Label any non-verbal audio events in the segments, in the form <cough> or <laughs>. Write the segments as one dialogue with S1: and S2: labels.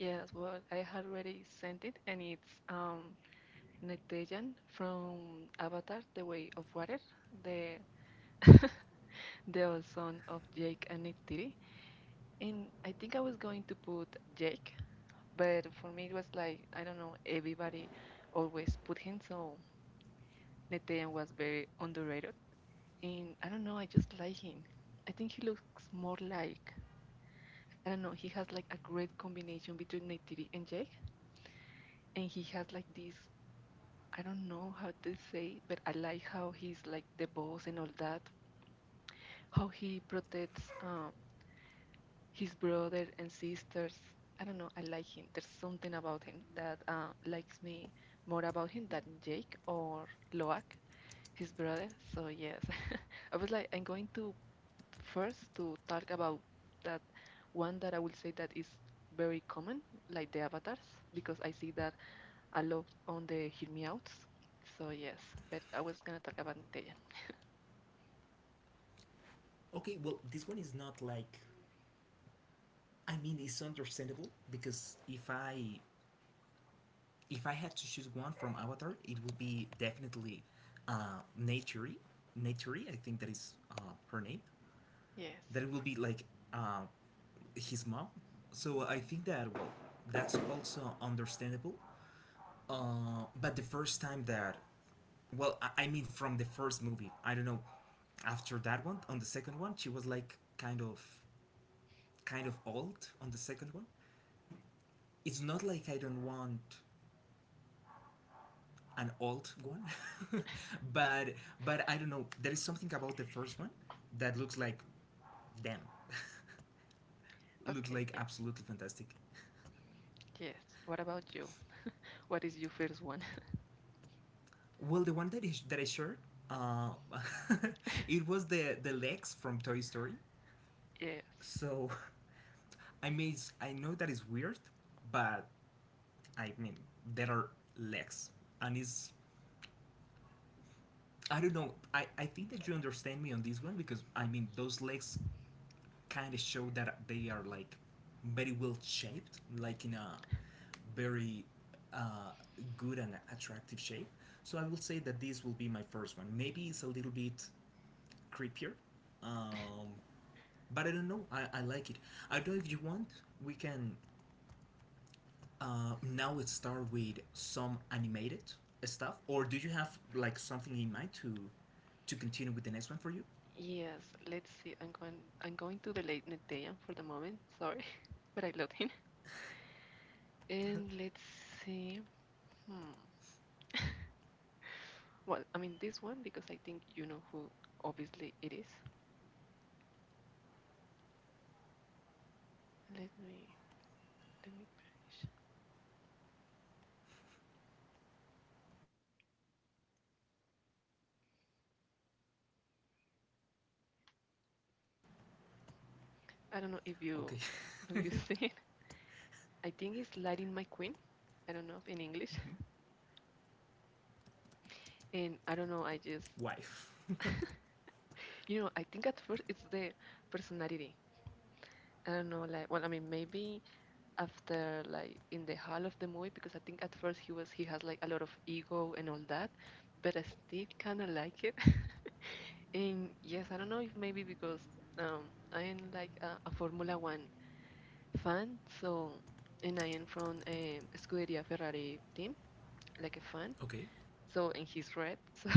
S1: Yes, well, I had already sent it, and it's Nectajan from Avatar: The Way of Water, the <laughs> the old son of Jake and Neytiri. And I think I was going to put Jake, but for me it was like I don't know, everybody always put him, so Nectajan was very underrated. And I don't know, I just like him. I think he looks more like I don't know, he has like a great combination between Neytiri and Jake and he has like this I don't know how to say, but I like how he's like the boss and all that. How he protects his brother and sisters. I don't know. I like him. There's something about him that likes me more about him than Jake or Loak, his brother. So yes, <laughs> I was like, I'm going to first to talk about that one that I will say that is very common, like the avatars, because I see that a lot on the hear me outs. So yes, but I was gonna talk about Nintendo. Yes. Okay, yes. Yes. What about you? What is your first one? <laughs> Yes. Yes. Let's see. I'm going to the late Netean for the moment. Sorry. <laughs> But I love him. And let's see. Hmm. <laughs> Well, I mean this one because I think you know who obviously it is. Let me let me finish. I don't know if you <laughs> if you see it. I think it's Lighting My Queen. I don't know if in English. And I don't know, I just <laughs> You know, I think at first it's the personality. I don't know, like, well, I mean, maybe after, like, in the hall of the movie, because I think at first he was, he has, like, a lot of ego and all that, but I still kind of like it. <laughs> And yes, I don't know if maybe because I am, like, a Formula One fan, so, and I am from a Scuderia Ferrari team, like a fan, so, and he's red, <laughs> so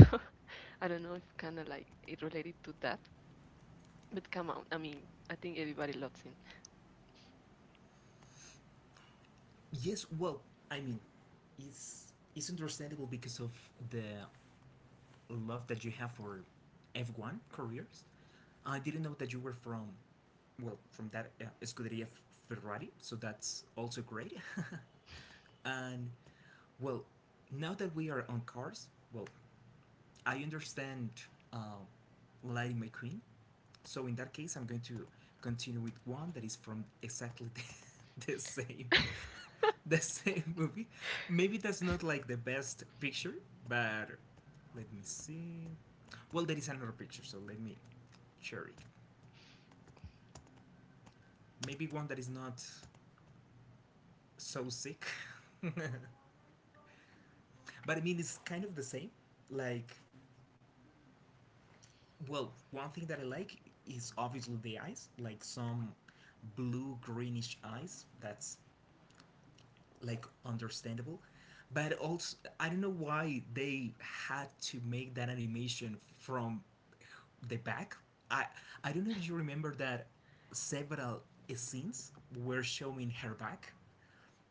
S1: I don't know if kind of, like, it related to that, but come on, I mean, I think everybody loves him. <laughs>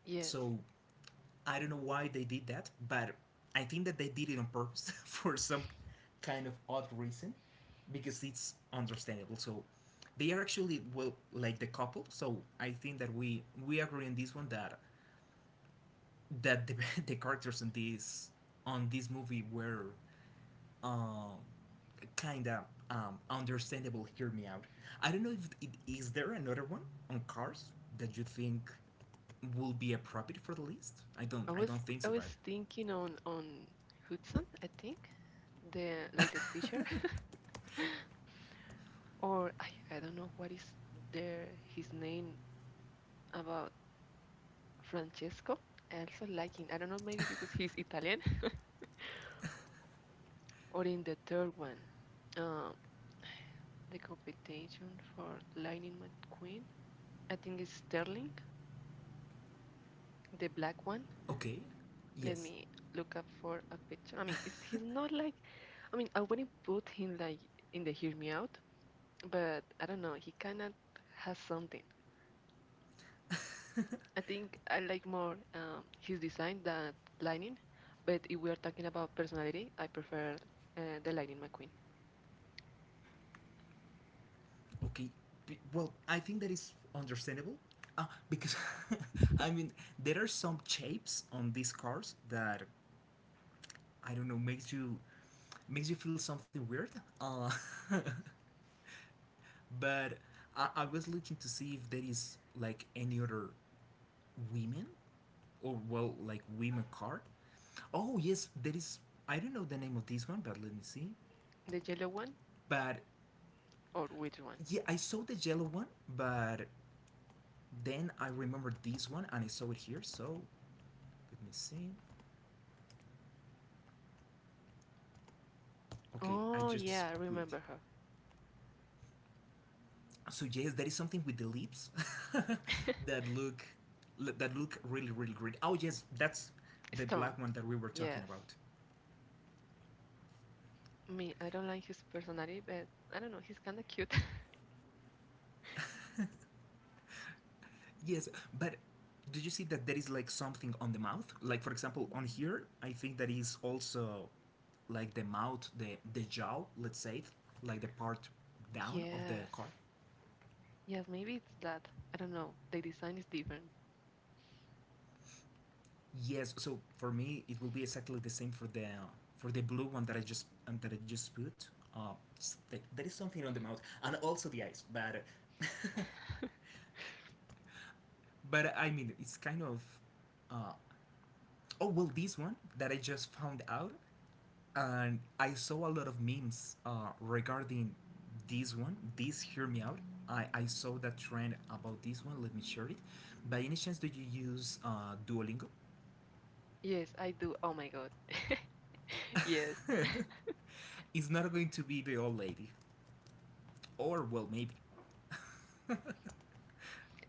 S1: Yes, I was I was thinking on Hudson, I think, the like the teacher, <laughs> or I don't know what is their his name about Francesco. I also like him. I don't know maybe because he's Italian <laughs> or in the third one, uh, the competition for Lightning McQueen. I think it's Sterling, the black one. Let me look up for a picture. I mean, it's, he's not like I mean I wouldn't put him like in the Hear Me Out but I don't know. He kind of has something. I think I like more his design than Lightning. But if we are talking about personality, I prefer the Lightning McQueen. The yellow one or which one? Oh yeah, I remember her. <laughs> Storm. Yes. Me, I don't like his personality, but I don't know. He's kind of cute. <laughs> yes. Yes, maybe it's that. I don't know. The design is different. <laughs> Yes, I do. Oh my god. <laughs> Yes.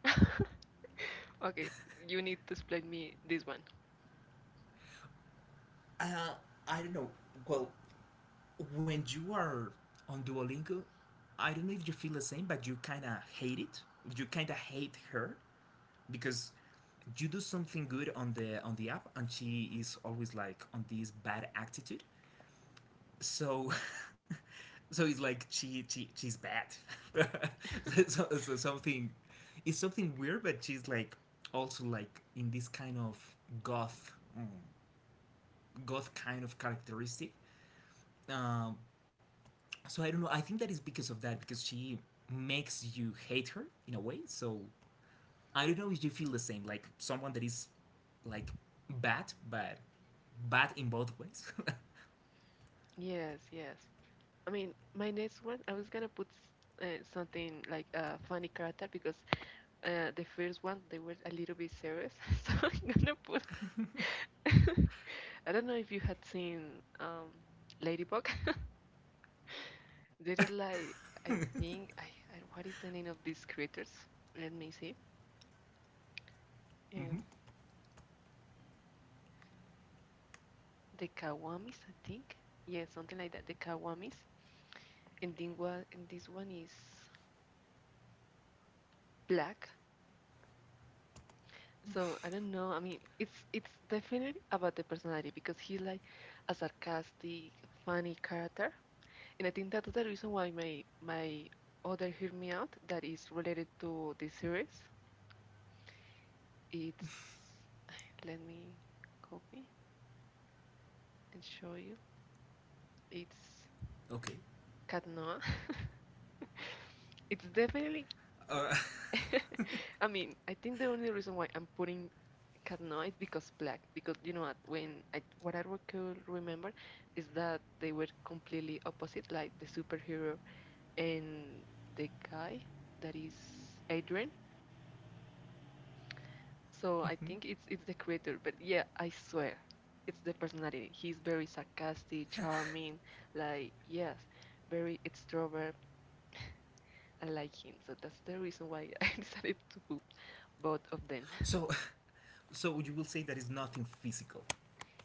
S1: <laughs> Okay, you need to explain me this one. <laughs> Yes, yes. I mean, my next one, I was gonna put something like a funny character because the first one they were a little bit serious, <laughs> so I'm gonna put. <laughs> I don't know if you had seen Ladybug. <laughs> There is like I think I, I what is the name of these creatures? Let me see. Um, the Kawamis, I think. Yeah, something like that. The Kawamis. And this one is black. So I don't know. I mean, it's definitely about the personality because he's like a sarcastic, funny character, and I think that's the reason why my other hear me out that is related to the series. It's let me copy and show you. It's Cat Noir. <laughs> it's definitely. <laughs> I mean, I think the only reason why I'm putting Cat no, because black. Because you know what? When I what I re- could remember is that they were completely opposite, like the superhero and the guy that is Adrian. So I think it's the creator. But yeah, I swear, it's the personality. He's very sarcastic, charming, like yes, very extrovert. I like him. So that's the reason why <laughs> I decided to put both of them.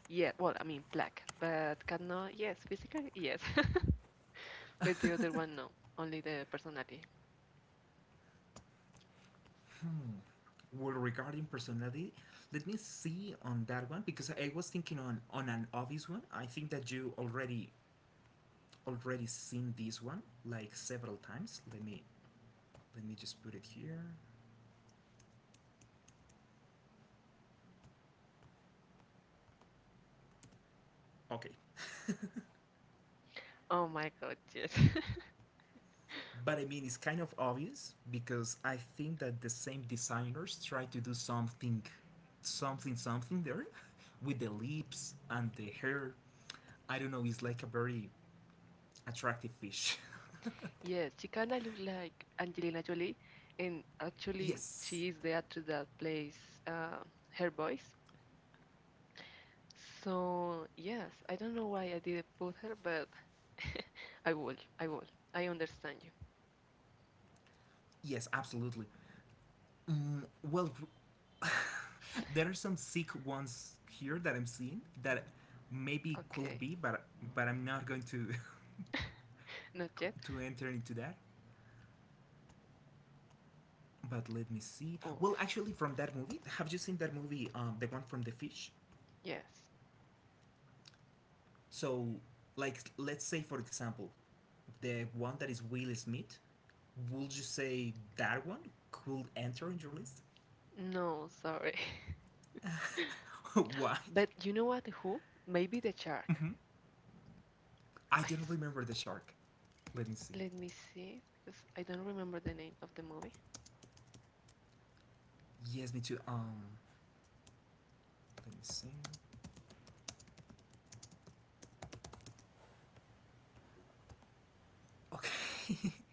S1: Yeah, well, I mean black, but Cat no, yes, physically yes. <laughs> But the other one, no. Only the personality. Oh my God, yes. <laughs> Yes, she kind of look like Angelina Jolie, and actually, she is the actress that plays uh, her voice. So, yes, I don't know why I didn't put her, but <laughs> I will. I understand you. Okay, not yet. Oh, yes. No, sorry. <laughs> But you know what? Who? Maybe the shark. I s let me see, because I don't remember the name of the movie.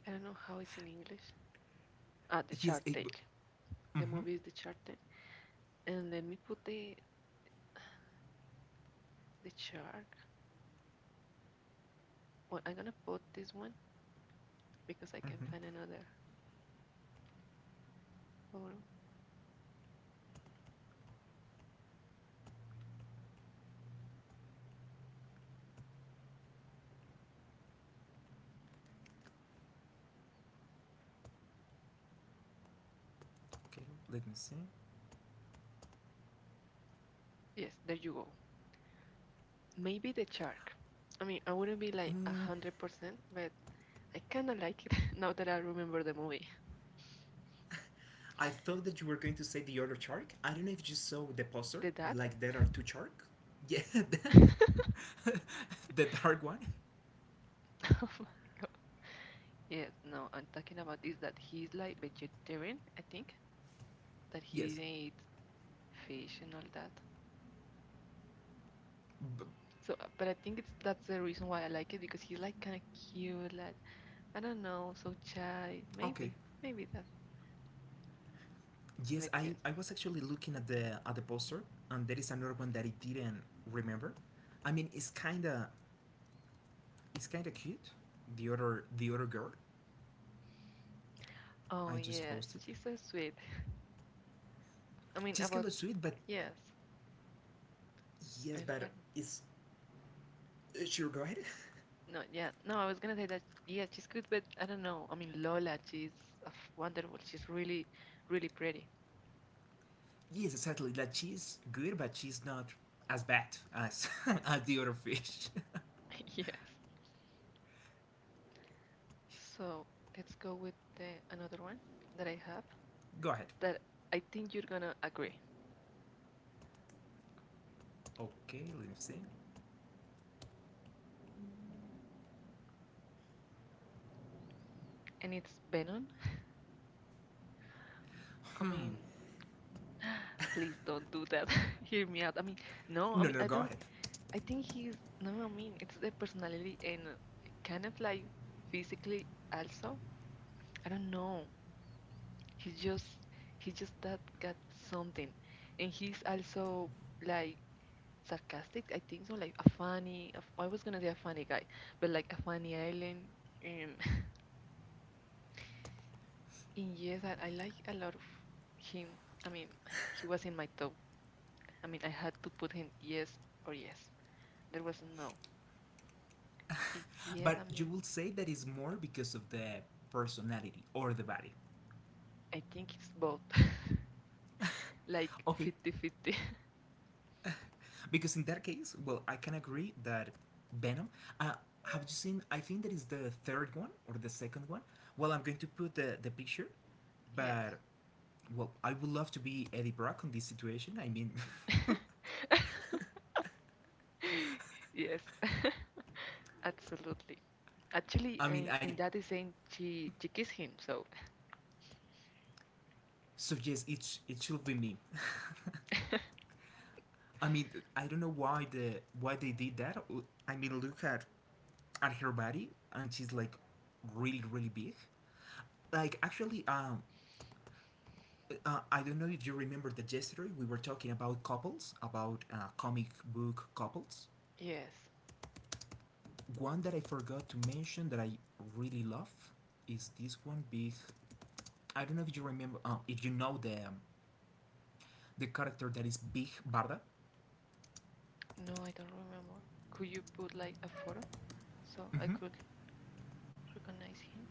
S1: I don't know how it's in English. Ah, the Shark tale. The movie is the Shark tale. And let me put the shark. Well, I'm gonna put this one because I can find another photo. Yes, there you go. Maybe the shark. I mean, I wouldn't be like 100%, but I kind of like it <laughs> now that I remember the movie. The dad. <laughs> oh my god. Yes, no, I'm talking about this that he's like vegetarian. I think that he didn't eat fish and all that. So, but I think it's that's the reason why I like it because he's like kind of cute, like I don't know, so shy. Maybe that's but yes. Oh yes, she's so sweet. I mean about yes, but I don't- no, yeah, no. I was gonna say that yes, she's good, but I don't know. I mean Lola, she's uh, wonderful. She's really, really pretty. <laughs> yes. So let's go with the, another one that I have that I think you're gonna agree, Mm. and it's Venom. I mean. Please don't do that. <laughs> Hear me out. I mean, no, I mean, I don't, I think he's, no, I mean, it's the personality and kind of like physically also. I don't know. He's just, he's just that got something. And he's also like sarcastic, I think so, like a funny, I was gonna say a funny guy, but like a funny island. Um, <laughs> and yes, I like a lot of him. I mean, he was in my top. I mean, I had to put him yes or yes. There was no. Big yes, I mean, I think it's both. <laughs> Like fifty-fifty. Yes. <laughs> Yes. <laughs> Absolutely. Actually, in that is saying she kissed him, so <laughs> yes. No, I don't remember. Could you put like a photo so I could recognize him?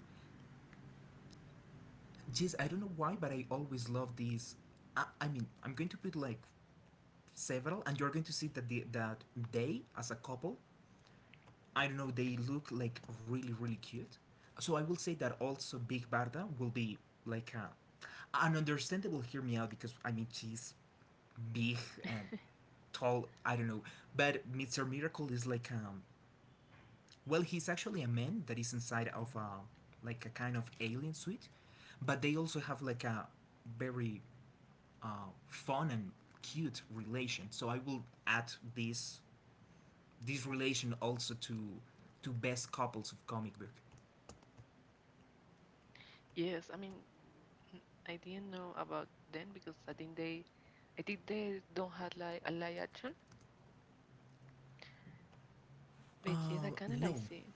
S1: Yes, I mean, I didn't know about them because I think they don't have like a live action. But yes, I kind of like see.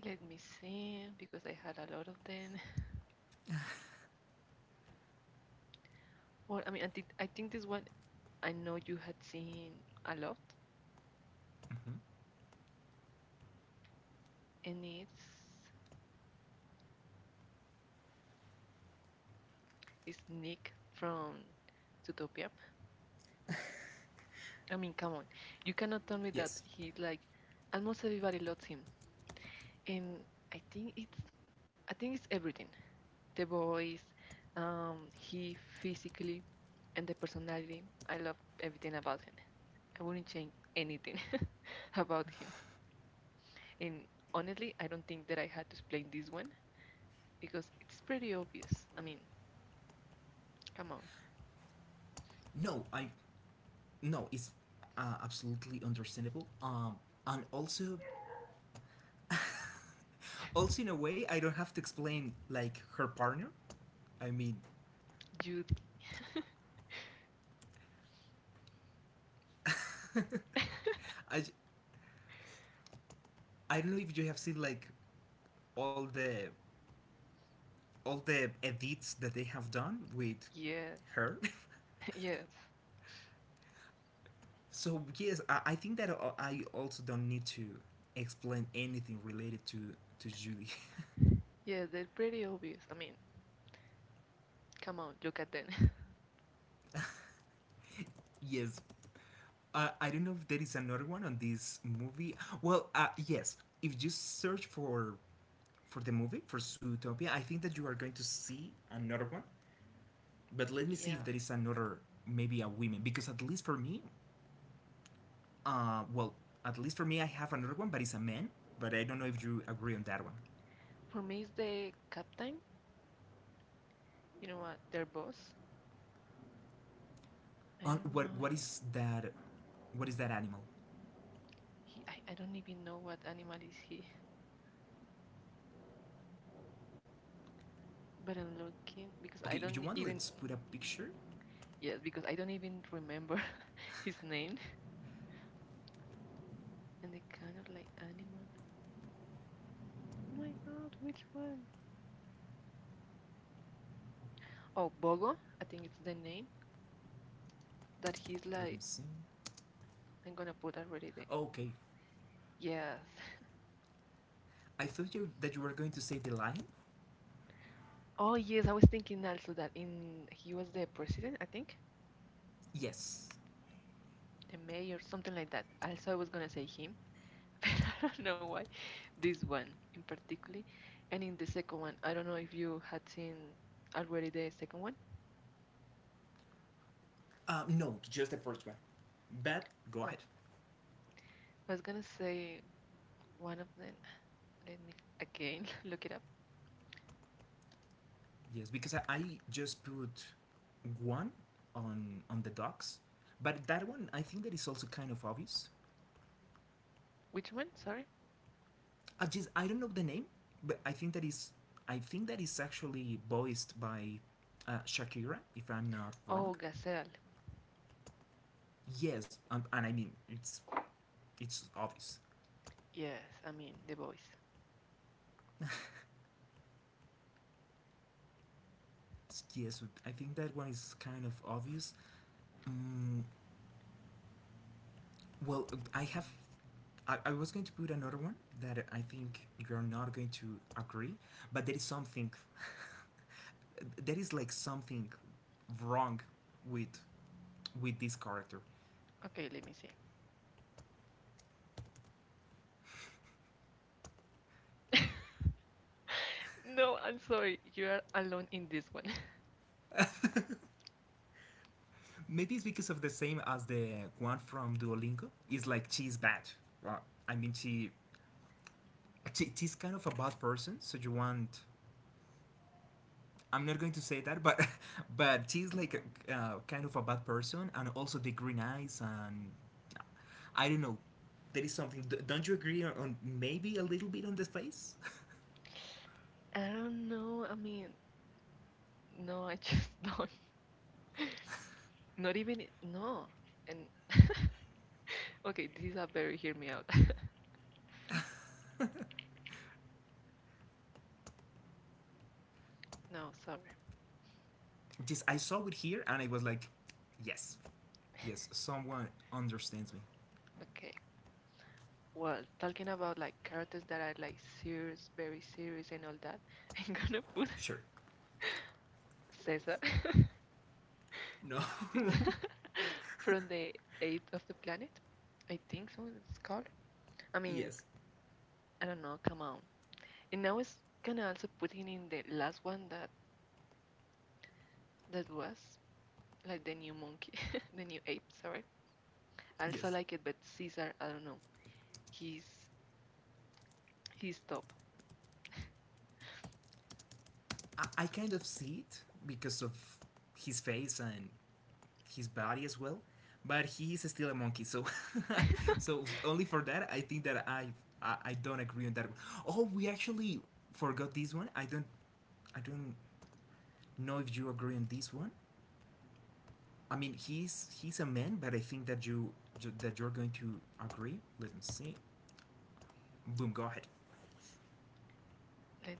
S1: Let me see, because I had a lot of them. <laughs> Well, I mean, I think this one I know you had seen a lot, and it's Nick from Zootopia. I mean, come on, you cannot tell me that he's like almost everybody loves him, and I think it's I think it's everything. The voice, he physically, and the personality. I love everything about him. I wouldn't change anything <laughs> about him. And honestly, I don't think that I had to explain this one because it's pretty obvious. I mean, come on, Jude. <laughs> Yes, <laughs> yes, yes, they're pretty obvious. I mean, come on, look at them. <laughs> Yeah, for me, it's the captain, you know what, their boss. I don't know, I don't even know what animal is he, but I'm looking because I don't e-, even, yes, because I don't even remember <laughs> his name and the kind of like animal. Oh my god, which one? Oh, Bogo, I think it's the name. That he's like, I'm gonna put already the yes. <laughs> Oh yes, I was thinking also that in he was the president, I think, the mayor, something like that. Also, I was gonna say him, <laughs> but I don't know why this one in particular. And in the second one, I don't know if you had seen already the second one. Oh, I was gonna say one of them. Let me again <laughs> look it up. Which one? Sorry. Oh, Gazelle. Yes, I mean the voice. Okay, let me see. <laughs> No, I'm sorry. You are alone in this one. <laughs> I don't know. I mean, no, I just <laughs> don't. Not even I- no. And <laughs> okay, this is a very hear me out. <laughs> No, sorry. <laughs> Okay. Well, talking about like characters that are like serious, very serious and all that, <laughs> I'm gonna put <laughs> Caesar. <laughs> Caesar <laughs> from the eighth of the planet. I think so it's called. I mean, I don't know, come on. And I was gonna also put in the last one that was like the new monkey, <laughs> the new ape. Sorry, I also like it, but Caesar, I don't know. He's he's top. <laughs> Let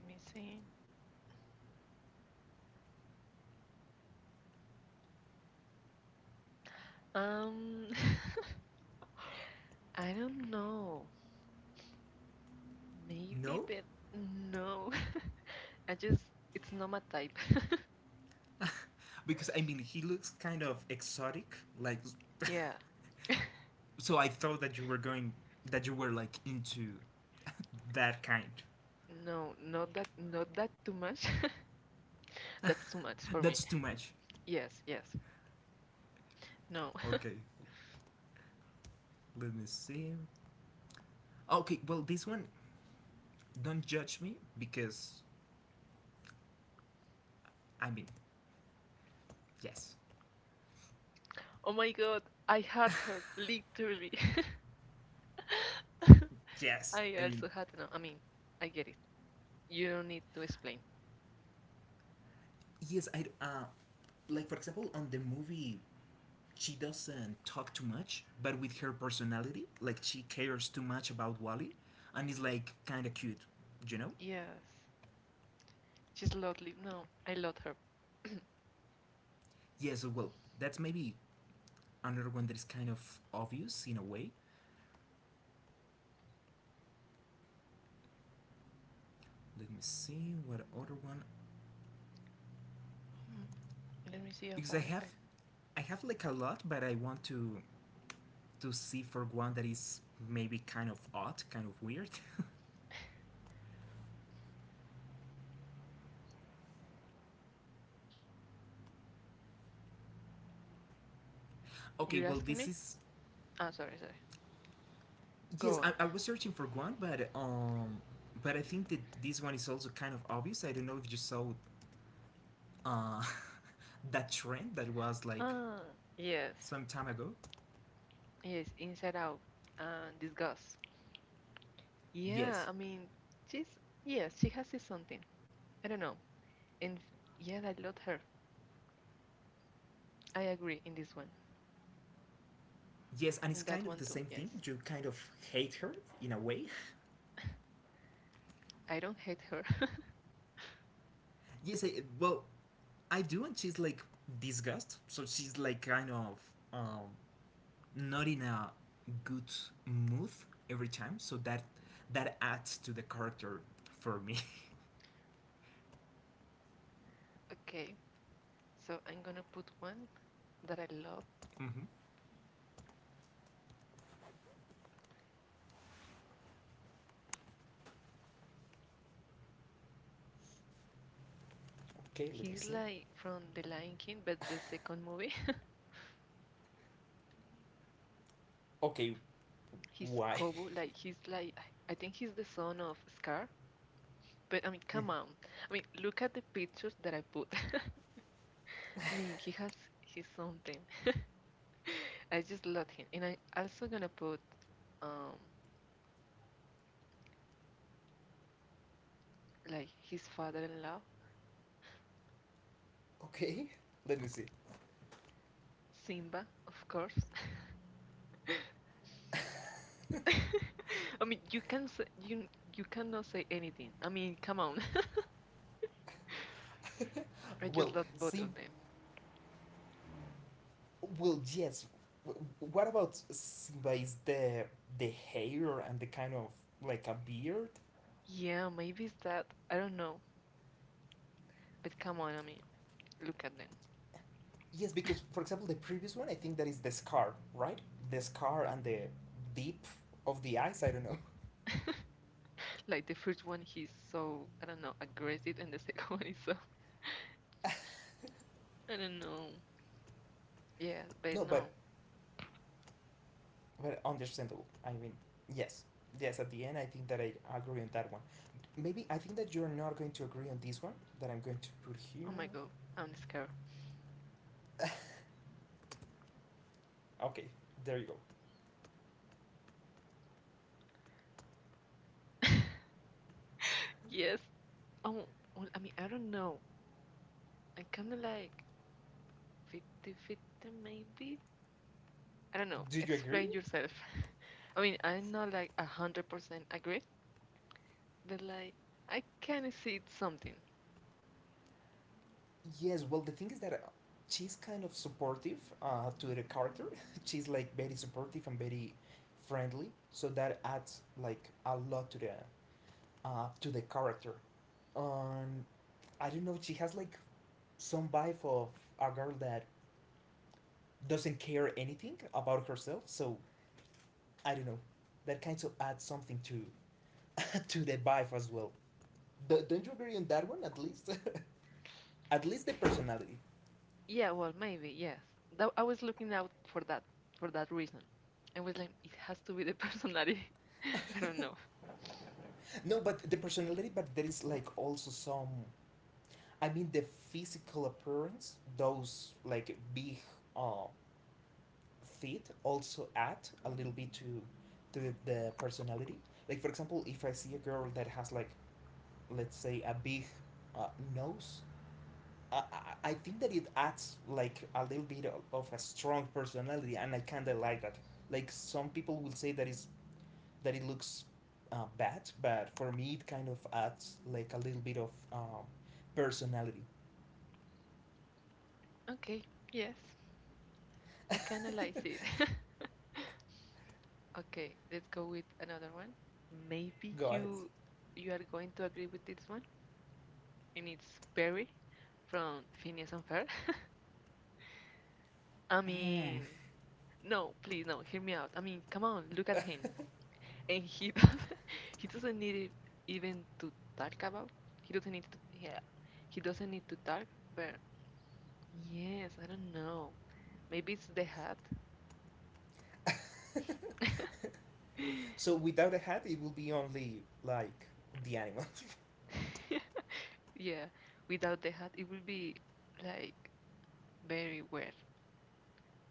S1: me see. Um, <laughs> I don't know. Maybe, but no. <laughs> I just it's not my type. <laughs> Yeah, no, not that, not that too much. <laughs> That's too much for me. Yes, yes. No. <laughs> Oh my God, I had her literally. <laughs> I also had no. I mean, I get it. You don't need to explain. Yes, she's lovely. No, I love her. <clears throat> Hmm, let me see if I, I. You're asking me? Ah, sorry, sorry. Go on. Ah, yes, yes. Inside Out and Disgust. Yeah, I mean, she's yes, she has this something. I don't know. Yes, I love her. I agree in this one. In that one too. Yes, <laughs> I don't hate her. <laughs> Okay, so I'm gonna put one that I love. He's like from The Lion King, but the second movie, <laughs> he's Kobu. Like he's like I think he's the son of Scar. But I mean, come on. I mean, look at the pictures that I put. <laughs> I mean, he's something. <laughs> I just love him, and I'm also gonna put um like his father-in-law, Simba, of course. <laughs> I mean, you you cannot say anything. I mean, come on. <laughs> I just love both of them. Yeah, maybe it's that. I don't know. But come on, I mean, look at them. <laughs> Like the first one, he's so I don't know aggressive, and the second <laughs> one is so I don't know. Yeah, but no. Oh my god, I'm scared. <laughs> Yes. Oh, well, I mean, I don't know. I'm kind of like 50-50 maybe. I don't know. Explain yourself. <laughs> I mean, I'm not like 100% agree, but like I can see it's something. Yeah, well, maybe, yes. That, I was looking out for that reason. I was like, it has to be the personality. <laughs> I don't know. Okay, yes, I can analyze it. <laughs> Okay, let's go with another one. Maybe you are going to agree with this one, and it's Barry from Phineas and Ferb. <laughs> I mean, no, please, no, hear me out. I mean, come on, look at him. And he <laughs> doesn't, he doesn't need it even to talk about. He doesn't need to yeah. He doesn't need to talk, but yes, I don't know. Maybe it's the hat. <laughs> Yeah, without the hat it will be like very weird.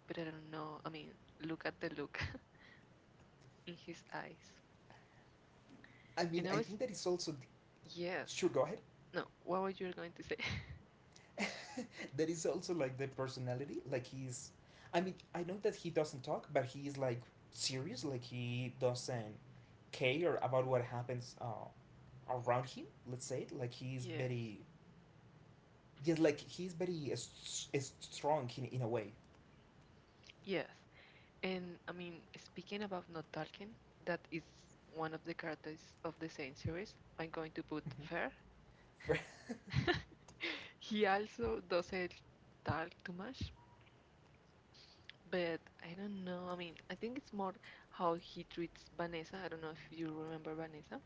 S1: But I don't know. I mean, look at the look <laughs> in his eyes. And I was yes. No, what were you going to say? <laughs> Yes. Yes. And I mean, speaking about not talking, that is one of the characters of the same series. I'm going to put Fer. <laughs> He also doesn't talk too much, but I don't know. I mean, I think it's more how he treats Vanessa. I don't know if you remember Vanessa.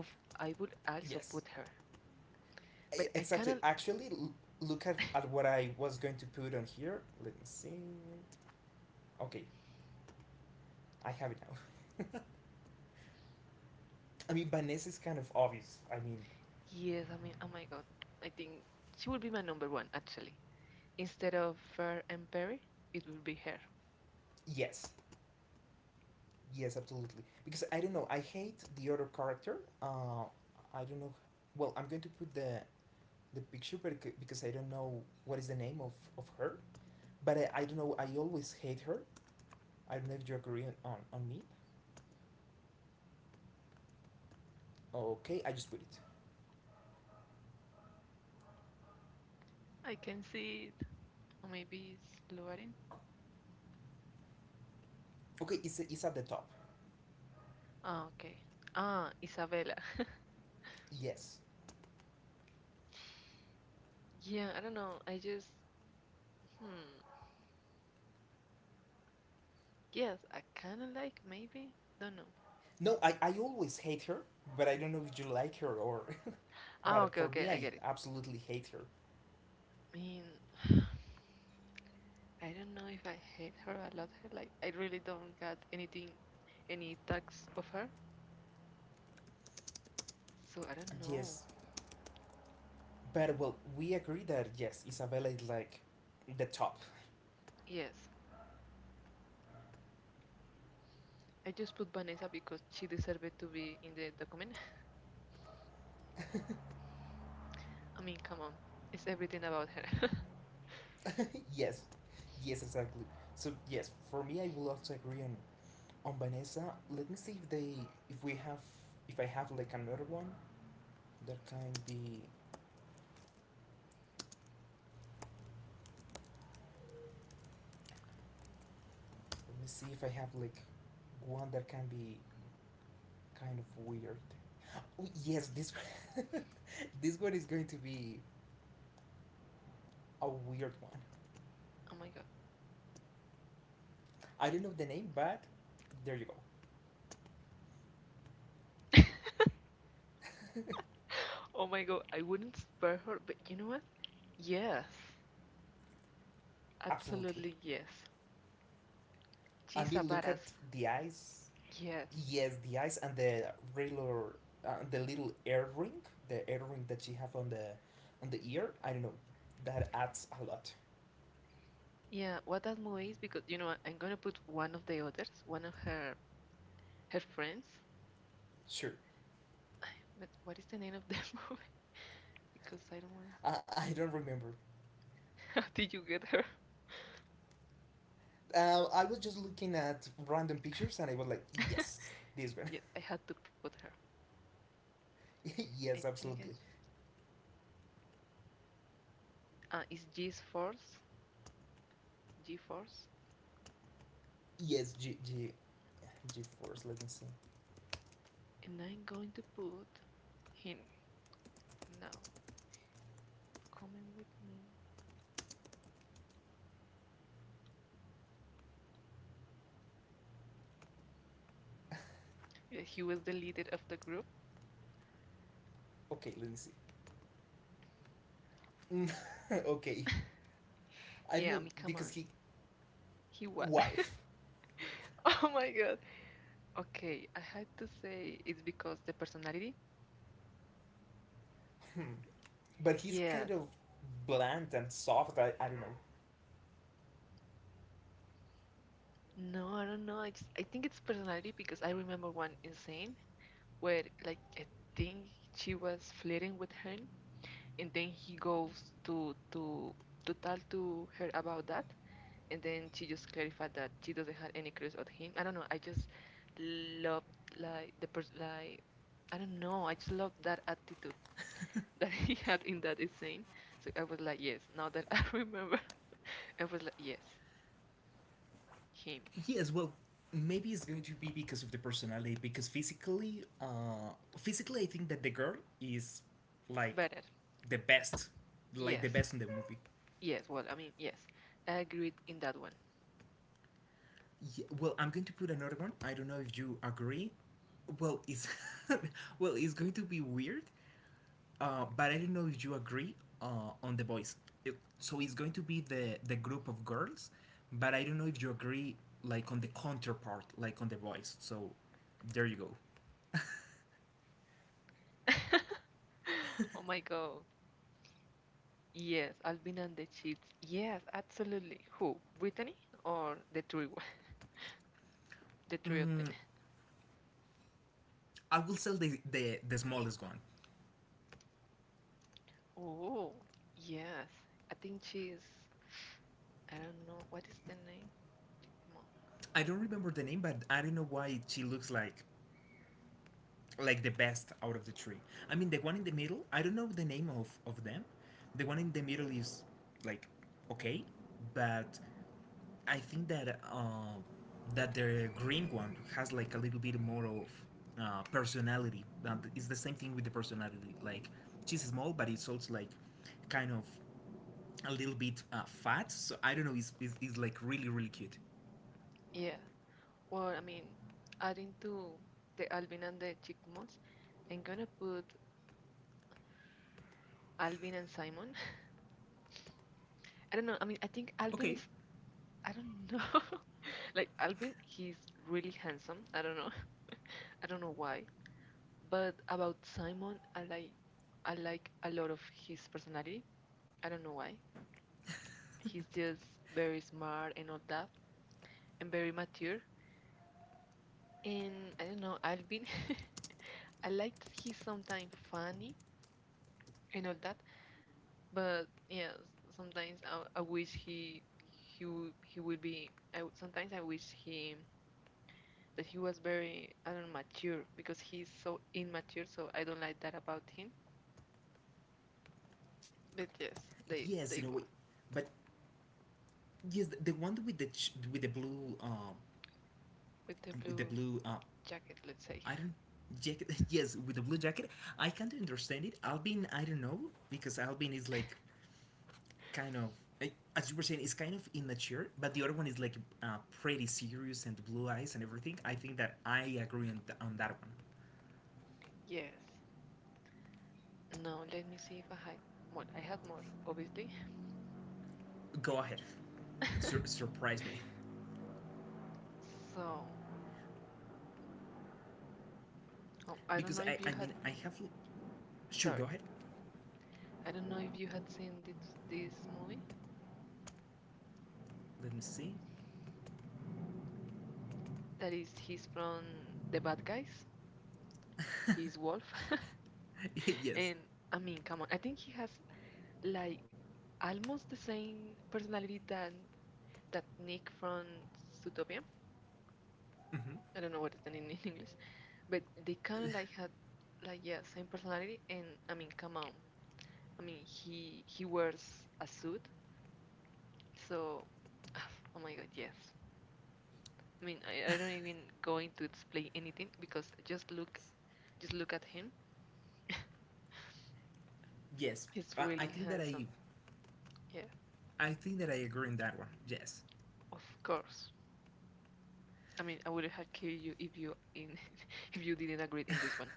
S1: Of I would also put her, but I cannot. Yes, I mean, oh my god, I think she would be my number one actually. Instead of Fer and Perry, it would be her. I can see it. Or maybe it's Lugarin? Ah, okay. Ah, Isabella. <laughs> Yeah, I don't know. I just, hmm. Yes, I kind of like, maybe. Don't know. Ah, okay, okay, I get it. I mean, <sighs> I don't know if I hate her or love her. Like, I really don't got anything, any tags of her. So I don't know. Yes, I just put Vanessa because she deserved to be in the document. <laughs> I mean, come on, it's everything about her. <laughs> Oh my god. <laughs> Oh my god, I wouldn't spare her, but you know what? Yes, absolutely yes. She's a badass. Yes. Yeah, what that movie is because you know what? I'm gonna put one of the others, one of her friends. <sighs> But what is the name of the <laughs> movie? Because I don't want. <laughs> How did you get her? <laughs> Yeah, I had to put her. I think I just. It's G's Force. G Force. And I'm going to put him now. Coming with me. Yeah, he was the leader of the group. <laughs> Yeah, I mean, come on. He what? <laughs> Oh my God. Okay, I had to say it's because the personality. Yes. No, I don't know. I think it's personality because I remember one insane where like I think she was flirting with her, and then he goes to to tell to her about that, and then she just clarified that she doesn't have any crush on him. I don't know. I just love like the person like I don't know. I just love that attitude <laughs> that he had in that scene. So I was like, yes. Now that I remember, <laughs> I was like, yes, him better. Yes, yes. Well, I mean, yes. I agreed in that one. <laughs> Oh my god. Yes, Alvin and the Chips. Yes, absolutely. Who? Brittany or the three? <laughs> The three of them. Oh, yes. I think she's. I don't know. What is the name? Mom. Yeah, or, I mean, adding to the Alvin and the Chipmunks, I'm gonna put Alvin and Simon. I don't know. I mean, I think Alvin is. I don't know. <laughs> Like Alvin, he's really handsome. I don't know. <laughs> I don't know why. But about Simon, I like. I like a lot of his personality. I don't know why. He's just very smart and all that, and very mature. And I don't know, Alvin. <laughs> I like that he's sometimes funny and all that, but yeah, sometimes I wish he would be. I would, sometimes I wish he that he was very I don't know, mature because he's so immature. So I don't like that about him. But yes, they won with the blue jacket. Let's say yes. Now let me see if I had. Well, I had more obviously. <laughs> So oh, I don't know if you had. Sorry, I don't know if you had seen this movie. That is, he's from the bad guys. He's Wolf. <laughs> And I mean, come on, I think he has like almost the same personality than that Nick from Zootopia. I don't know what is the name in English, but they kind of like had like yeah, same personality. And I mean, come on, I mean he wears a suit, so <sighs> oh my God, yes. I mean, I don't even going to explain anything because just look at him. He's really handsome. Yeah, of course. I mean, I would have killed you if you in <laughs> if you didn't agree in this one.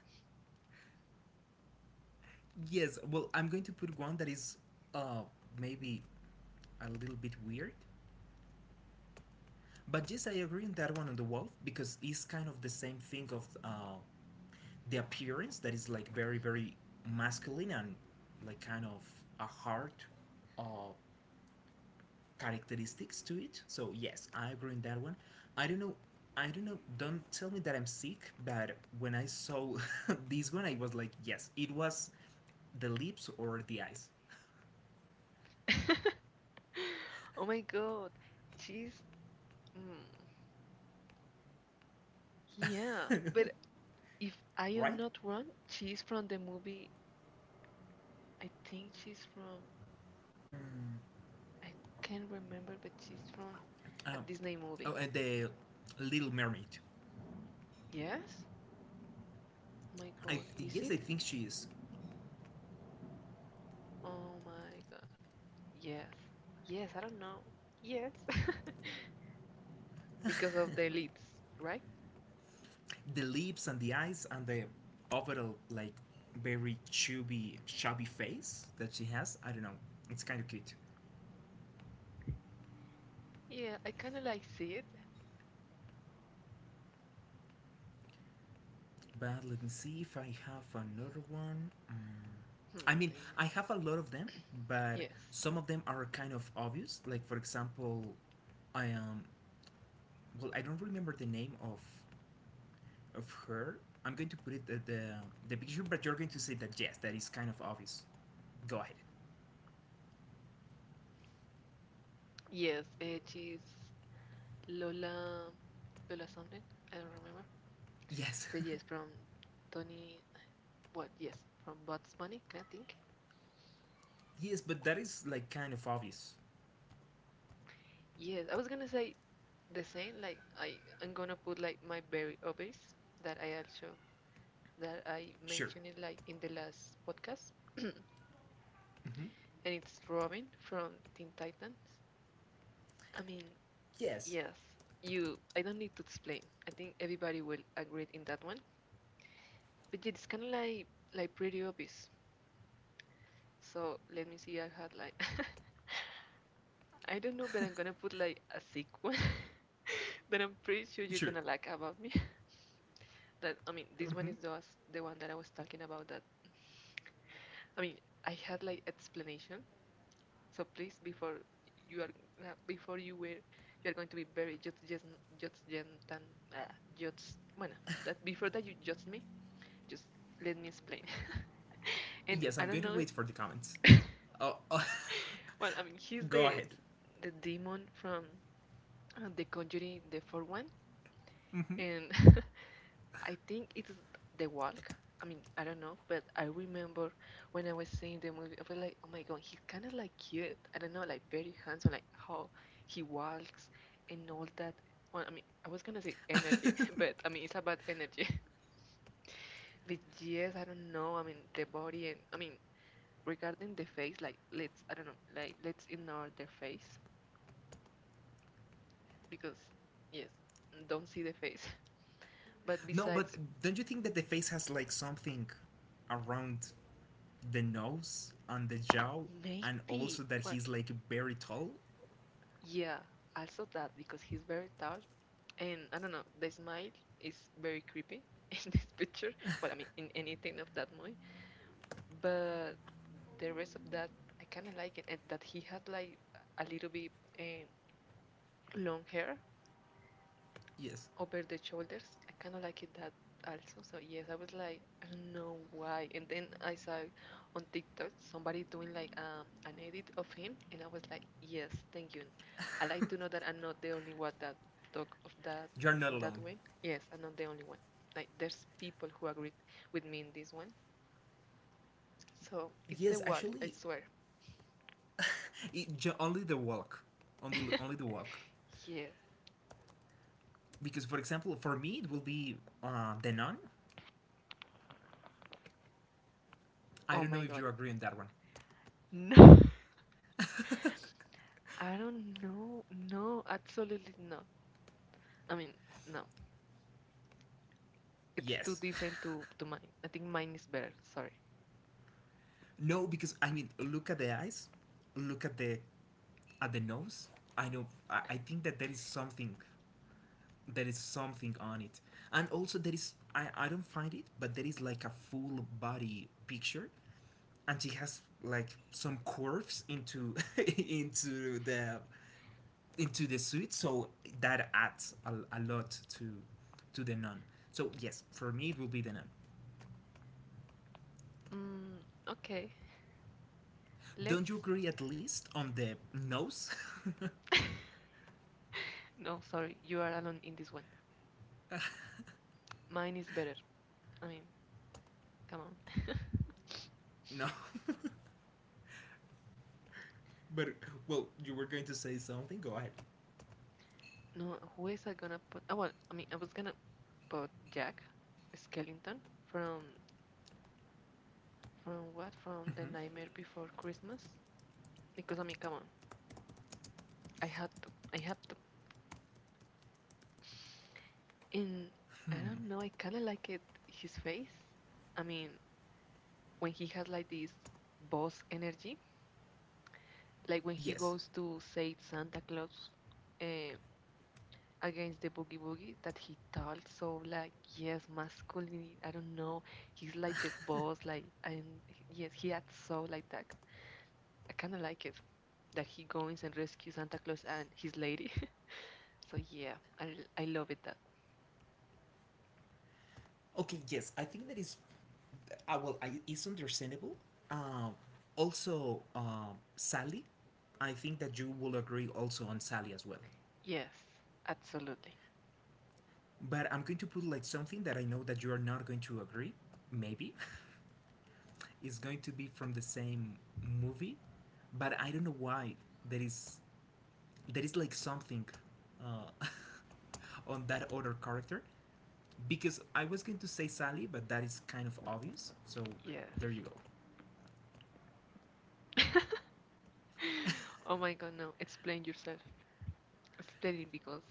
S1: <laughs> Oh my god, she's mm, yeah. But if I am not wrong, she's from the movie. I think she's from. I can't remember, but she's from a Disney movie. Yes. Oh my god, is it? Oh my god. Yes. Yes. I don't know. Yes. <laughs> Because of the leads, right? Yeah, I kind of like see it. Hmm, let me- yes. Yes, she's Lola, Lola something. I don't remember. But yes, from Tony. What? Yes, from Bugs Bunny. Can I think? Yes, I was gonna say the same. Like I'm gonna put like my very obvious that I also that I mentioned it like in the last podcast, and it's Robin from Teen Titans. I mean, yes, you. I don't need to explain. I think everybody will agree in that one. But yeah, it's kind of like pretty obvious. So let me see. I had like <laughs> I don't know, but I'm gonna put like a sick one <laughs> that I'm pretty sure you're gonna like about me. <laughs> That I mean, this one is the one that I was talking about. That I mean, I had like explanation. So please, before you are before you are going to be very just gentle, just bueno that before that you judge me, just let me explain. <laughs> And I don't know. <laughs> Well, I mean, he's the demon from the Conjuring, the fourth one and <laughs> I think it's The Walk. I mean, I don't know, but I remember when I was seeing the movie, I was like, oh my god, he's kind of like cute. I don't know, like very handsome, like how he walks and all that. Well, I mean, I was gonna say energy, <laughs> but I mean, it's about energy. <laughs> But yes, I don't know. I mean, the body, and I mean, regarding the face, like let's, I don't know, like let's ignore the face because yes, don't see the face. <laughs> But besides, maybe, well, yeah, also that because he's very tall, and I don't know, the smile is very creepy <laughs> in this picture. Well, I mean, in anything of that movie, but the rest of that I kind of like it, and that he had like a little bit um, long hair over the shoulders. I kind of like it that also. So yes, I was like, I don't know why. And then I saw on TikTok somebody doing like an edit of him, and I was like, yes, thank you. I like to know that I'm not the only one that talk of that in that way. Yes, I'm not the only one. Like there's people who agreed with me in this one. So it's the walk, I swear. <laughs> Yes. Oh my God. No. <laughs> I don't know. No, absolutely not. I mean, no. It's too different to mine. I think mine is better. Sorry. Mm, okay. Let's. <laughs> No, sorry. You are alone in this one. Mine is better. I mean, come on. <laughs> No, who is I gonna put? Oh, well, I mean, I was gonna put Jack Skellington from what? From The Nightmare Before Christmas. Because I mean, come on, I had to. I have to. And I don't know. I kind of like it. His face. I mean, when he has like this boss energy, like when he goes to say Santa Claus eh, against the boogie boogie that he talks so like, yes, masculine. I don't know, he's like the boss like, and yes, he acts so like that. I kind of like it that he goes and rescues Santa Claus and his lady. <laughs> So yeah, I love it that, yes, absolutely, yes. <laughs> Oh my god, no, explain yourself. Explain it because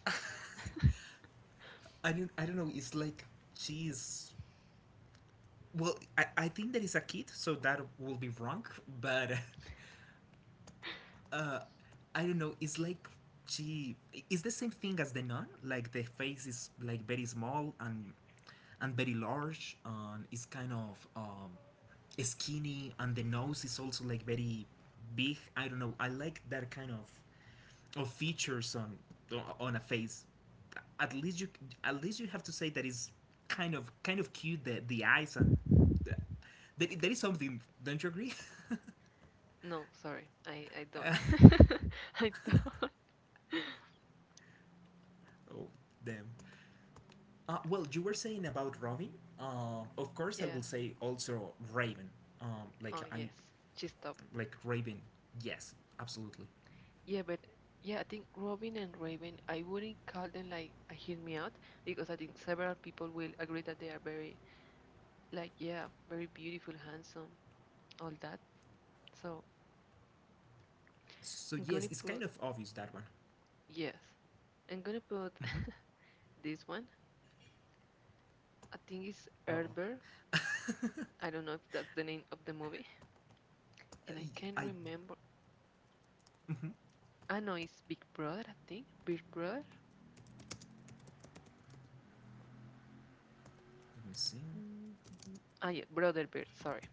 S1: no, sorry, I don't. <laughs> I don't. Yes. Oh, yes. She stopped. Yeah, but yeah, I think Robin and Raven, I wouldn't call them like a hear me out because I think several people will agree that they are very, like, yeah, very beautiful, handsome, all that. So I'm gonna put, yes, I'm gonna put <laughs> this one. I think it's Herbert. I don't know if that's the name of the movie. And I can't remember. I know it's Big Brother, I think. Big Brother? mm Ah, yeah, Brother Bear, sorry.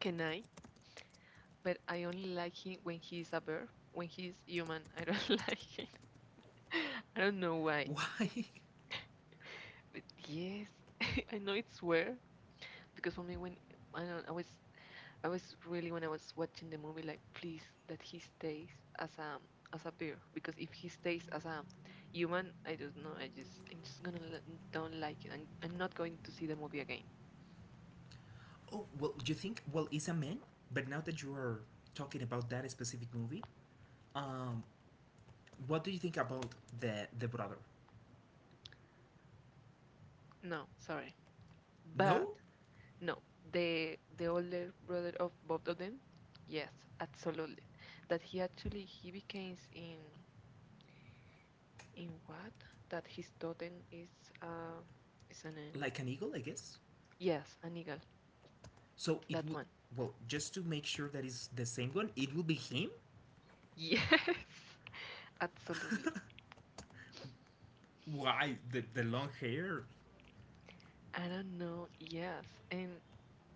S1: Can I? But I only like him when he's a bear. When he's human, I don't <laughs> like him. I don't know why. But yes, <laughs> I know it's weird because for me, when I don't, I was really when I was watching the movie, like, please that he stays as a as a bear, because if he stays as a human, I don't know. I just I'm just gonna l- don't like it. I'm not going to see the movie again. No, sorry. But no, the older brother of both of them. Yes, absolutely. That he actually he becomes in what? That his totem uh is an yes, an eagle. That one. Yes, <laughs> absolutely. I don't know. Yes, and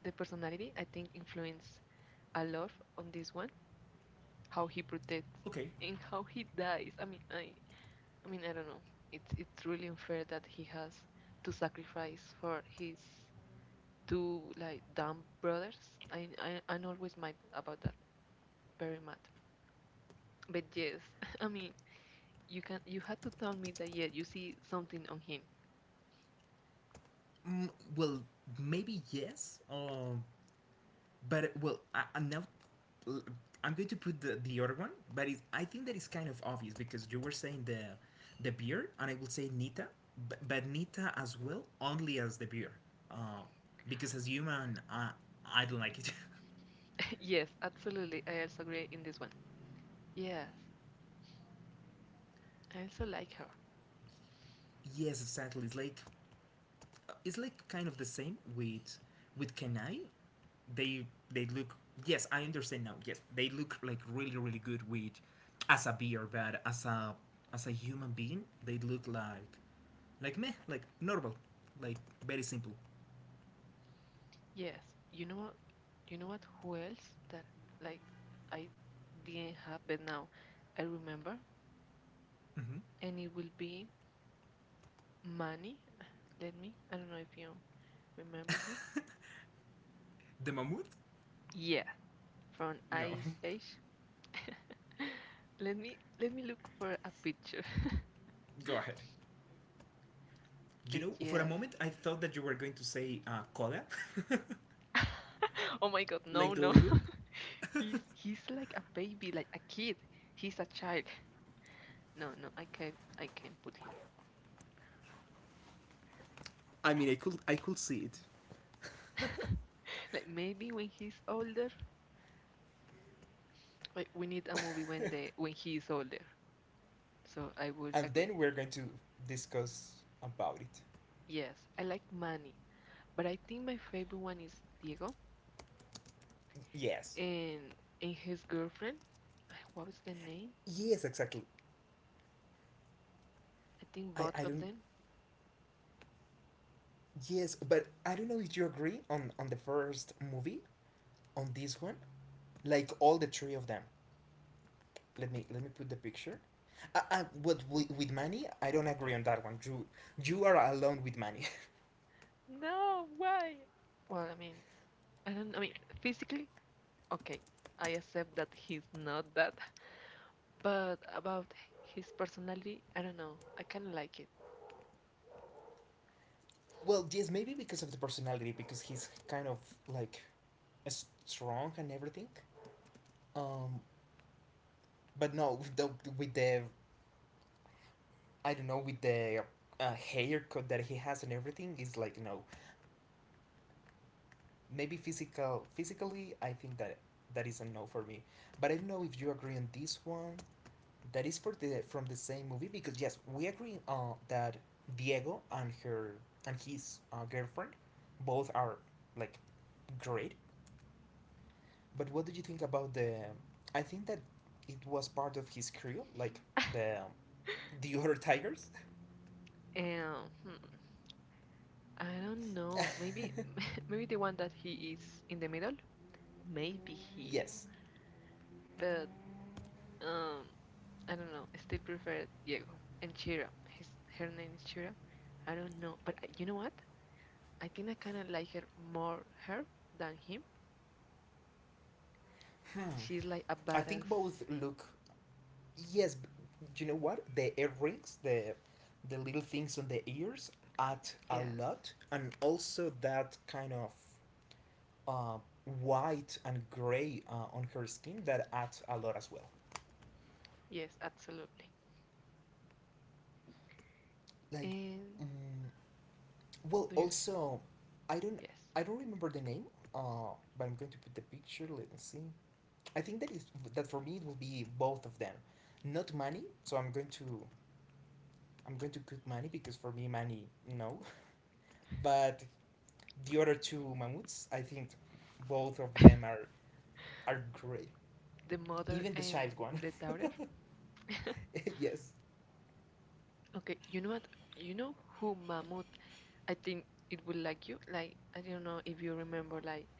S1: the personality I think influence a lot on this one. How he protects and how he dies. I mean, I mean, I don't know. It's really unfair that he has to sacrifice for his two like dumb brothers. I'm always mad about that. Very mad. But yes, <laughs> I mean, you can you had to tell me that yeah, you see something on him. <laughs> Yes, absolutely. I also agree in this one. Yes, I also like her. Yes, you know what? You know what? Who else that like I didn't have, but now I remember, and it will be Manny, let me. I don't know if you remember him. Yeah, from Ice Age. <laughs> Let me look for a picture. <laughs> But yes. <laughs> Oh my God, no, no. <laughs> He's like a baby, like a kid. He's a child. No, no, I can't put him. <laughs> Like maybe when he's older, like we need a movie when they. When he is older. So I would agree. Yes, I like Manny, but I think my favorite one is Diego. and and his girlfriend. What was the name? I think both of them. No, why? Well, I mean, I don't. I mean, physically, okay, I accept that he's not that. But about his personality, I don't know. I kind of like it. <laughs> And hmm, I don't know. Maybe, <laughs> maybe the one that he is in the middle. Maybe he. But um, I don't know. I still prefer Diego and Chira. His her name is Chira. I don't know. But you know what? I think I kind of like her more her than him. She's like a badass. Yes, yes, absolutely. And do you? Yes, the mother and the daughter. <laughs> Okay, you know what? You know who Mahmoud? I think it will like you. Like I don't know if you remember, like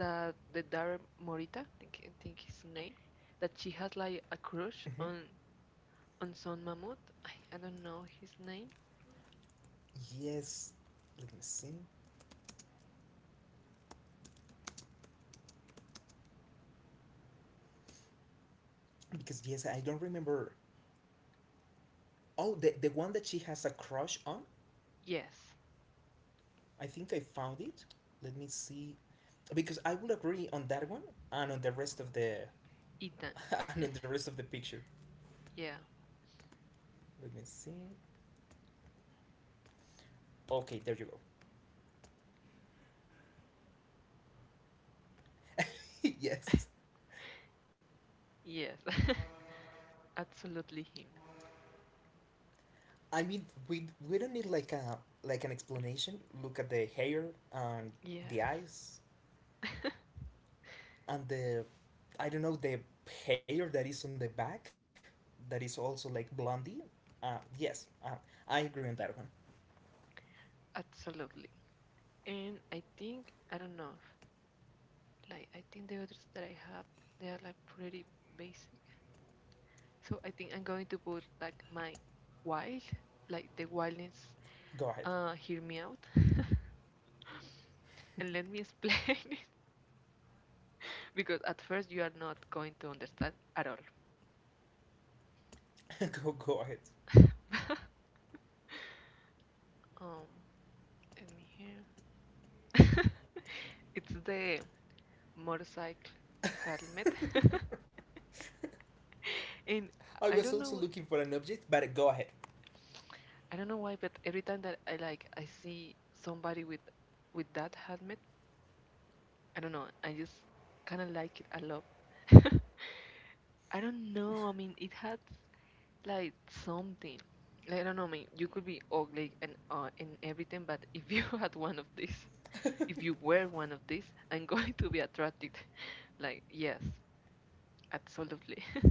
S1: that the daughter Morita. I think his name. That she has like a crush on son Mahmoud. I don't know his name. Yes, Ethan. Yeah. <laughs> Yes. <laughs> Absolutely him. Yes. <laughs> Absolutely. And I think I don't know. Like I think the others that I have, they are like pretty basic. So I think I'm going to put like my wild, like the wildness. Hear me out, <laughs> and let me explain <laughs> it because at first you are not going to understand at all. <laughs> um, Let me hear. <laughs> It's the motorcycle helmet, <laughs> and I don't know I don't know why, but every time that I see somebody with that helmet, I don't know, I just kind of like it a lot. <laughs> I don't know. I mean, it had like something. Like, I don't know. I mean, you could be ugly and everything, but if you <laughs> had one of these, if you wear one of these, I'm <laughs> going to be attracted. <laughs> Like, yes, absolutely. <laughs>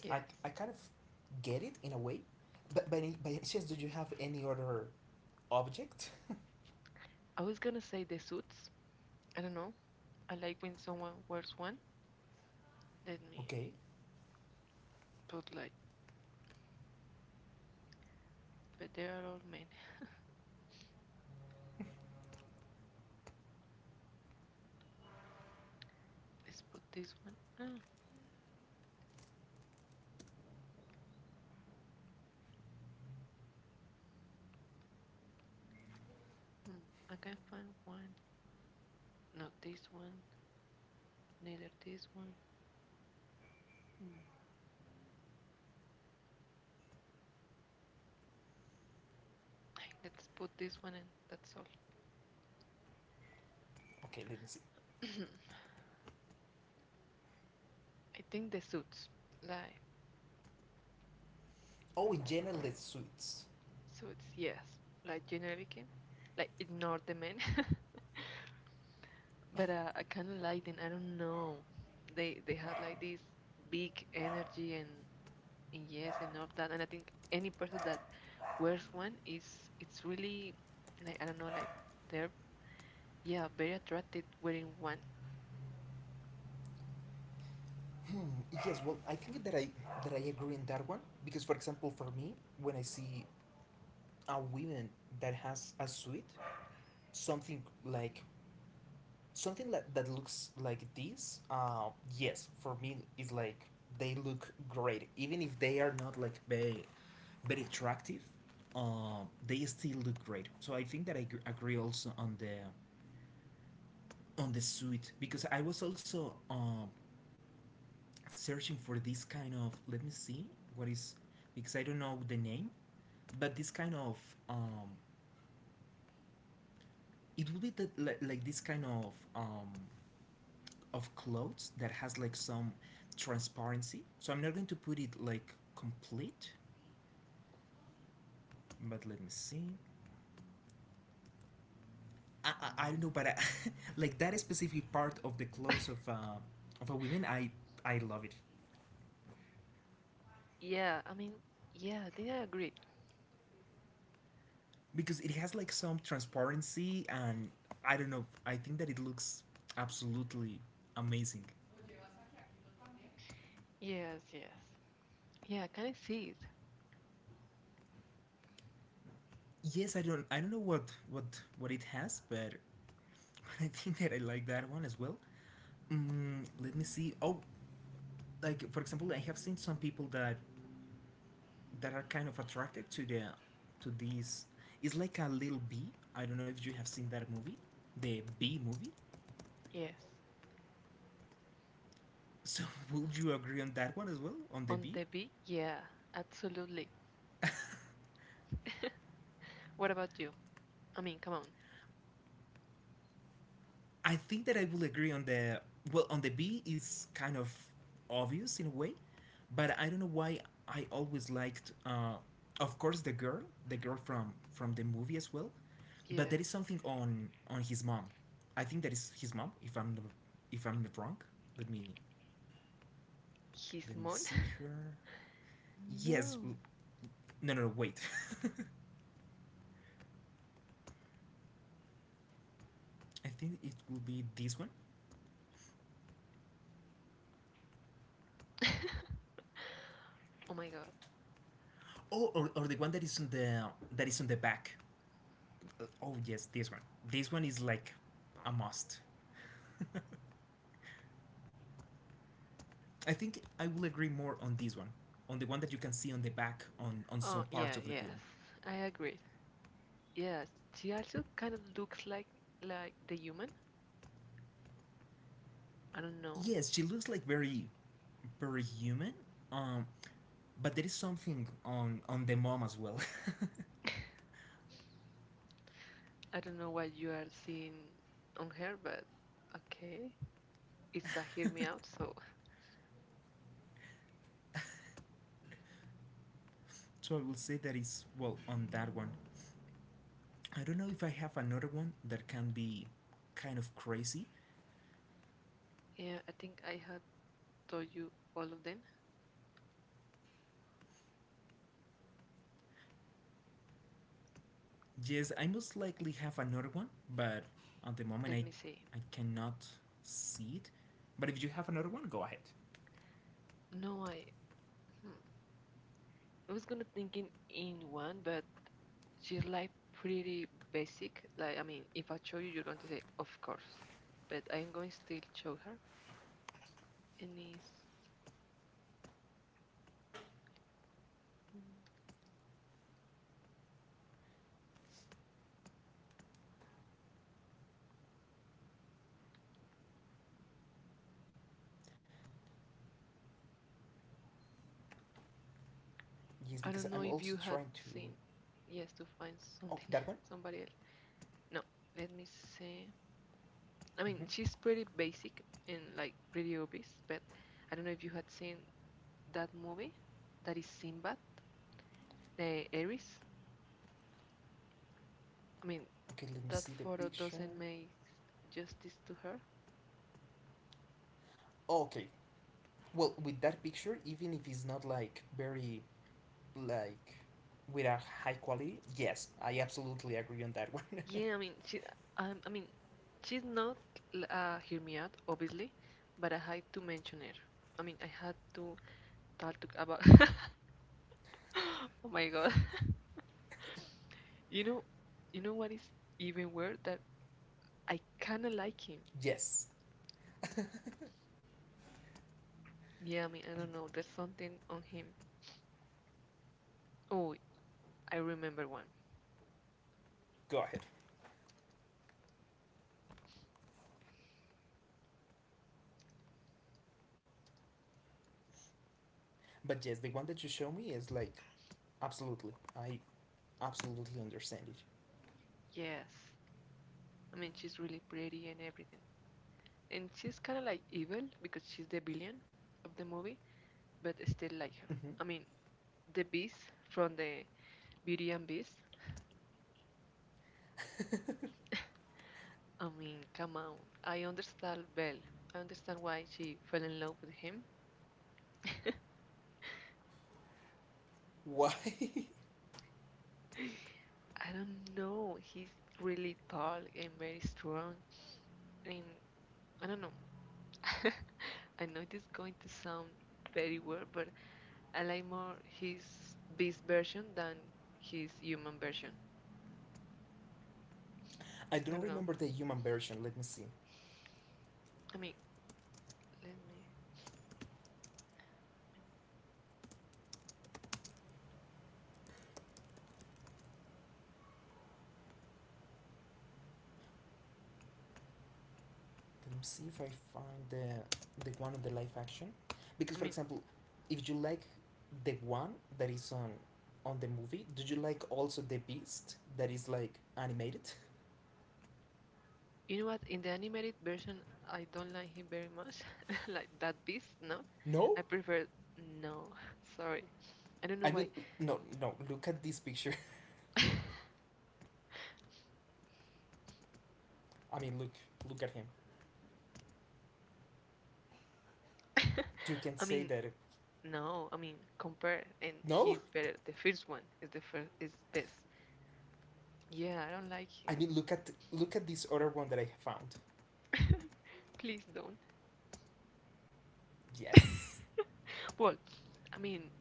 S1: Yes. I was gonna say the suits. I don't know. I like when someone wears one. Let me put like, but they are all men. Let's put this one. Ah, hmm, I can't find one. Not this one. Neither this one. Hmm. Let's put this one in. That's all. <laughs> <coughs> I think the suits, like suits, yes, like generically, like ignore the men, <laughs> but I kind of like them. I don't know. They had like this big energy, and yes and all that. And I think any person that wears one is it's really like I don't know like they're yeah, very attracted wearing one. Yeah, I mean, yeah, I think I agree. Yes, yes. Yeah, can I see it? Yes. On the beach? Yeah, absolutely. <laughs> What about you? I mean, come on. Yes. His mom? <laughs> No. <laughs> Oh my God. Oh, yeah, yes. I agree. Yes, she also kind of looks like the human. I don't know. I don't know what you are seeing on her, but okay. It's a hear me out, so yeah, I think I had told you all of them. Let me see. No, I hmm. I was gonna thinking in one, but she's like pretty basic. Like I mean, if I show you, you're going to say of course, but I'm going still show her. And it's mm, I don't know if you had seen. Yes, to find something <laughs> somebody else. No, let me see. I mean, she's pretty basic and like pretty obvious, but I don't know if you had seen that movie that is Sinbad, the Aries. I mean, that photo doesn't make justice to her. Yeah, I mean, I mean, she's not, hear me out, obviously, but I had to mention her. I mean, I had to talk to about. <laughs> Oh my god, <laughs> you know, you know what is even weird that I kind of like him. Yeah, I mean, I don't know, there's something on him. Oh, I remember one. Yes, I mean, she's really pretty and everything, and she's kind of like evil because she's the villain of the movie, but I still like her. I mean, the Beast from the Beauty and Beast. I mean, come on. I understand Belle. I understand why she fell in love with him. <laughs> I don't know. He's really tall and very strong. And I don't know. <laughs> I know it is going to sound very weird, but I like more his beast version than his human version. I don't know. I mean, let me. I mean, you know what? In the animated version, I don't like him very much. <laughs> Like that beast, no? I prefer. No, <laughs> sorry. I don't know why. <laughs> I mean, no. I mean, compare, and he's better. The first one is the first is best. Yeah, I don't like him. <laughs> Please don't. <laughs> Well, I mean,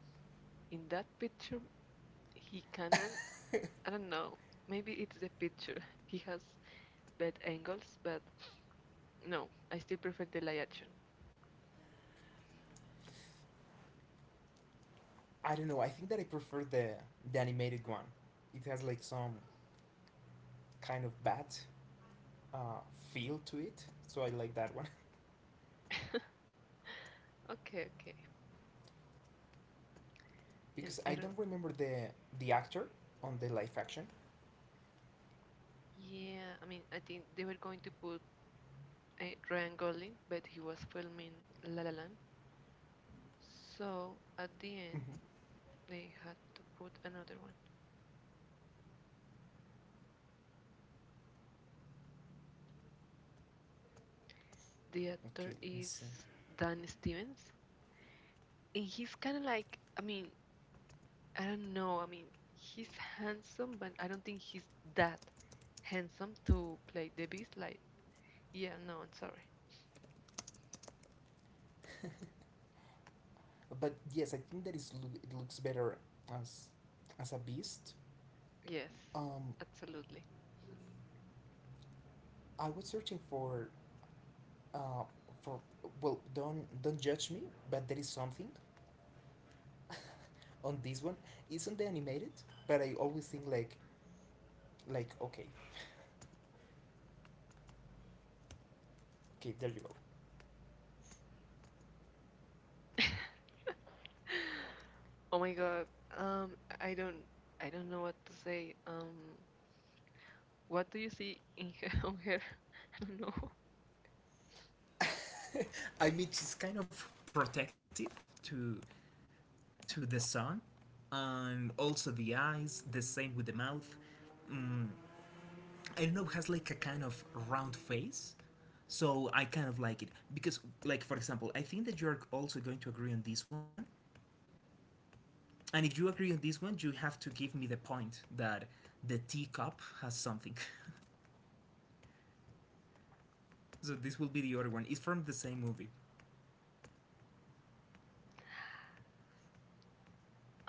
S1: in that picture, he cannot. I don't know. Maybe it's the picture. <laughs> He has bad angles, but no, I still prefer the live action. <laughs> Okay, okay. And I don't. Yeah, I mean, I think they were going to put Ryan Gosling, but he was filming La La Land. So at the end, they had to put another one. The actor is Dan Stevens, and he's kind of like, I mean, I don't know. I mean, he's handsome, but I don't think he's that handsome to play the Beast. Like, yeah, no, I'm sorry. Yes, absolutely. <laughs> Oh my God. Um, I don't, I don't know what to say. What do you see in her, <laughs> on her? I don't know.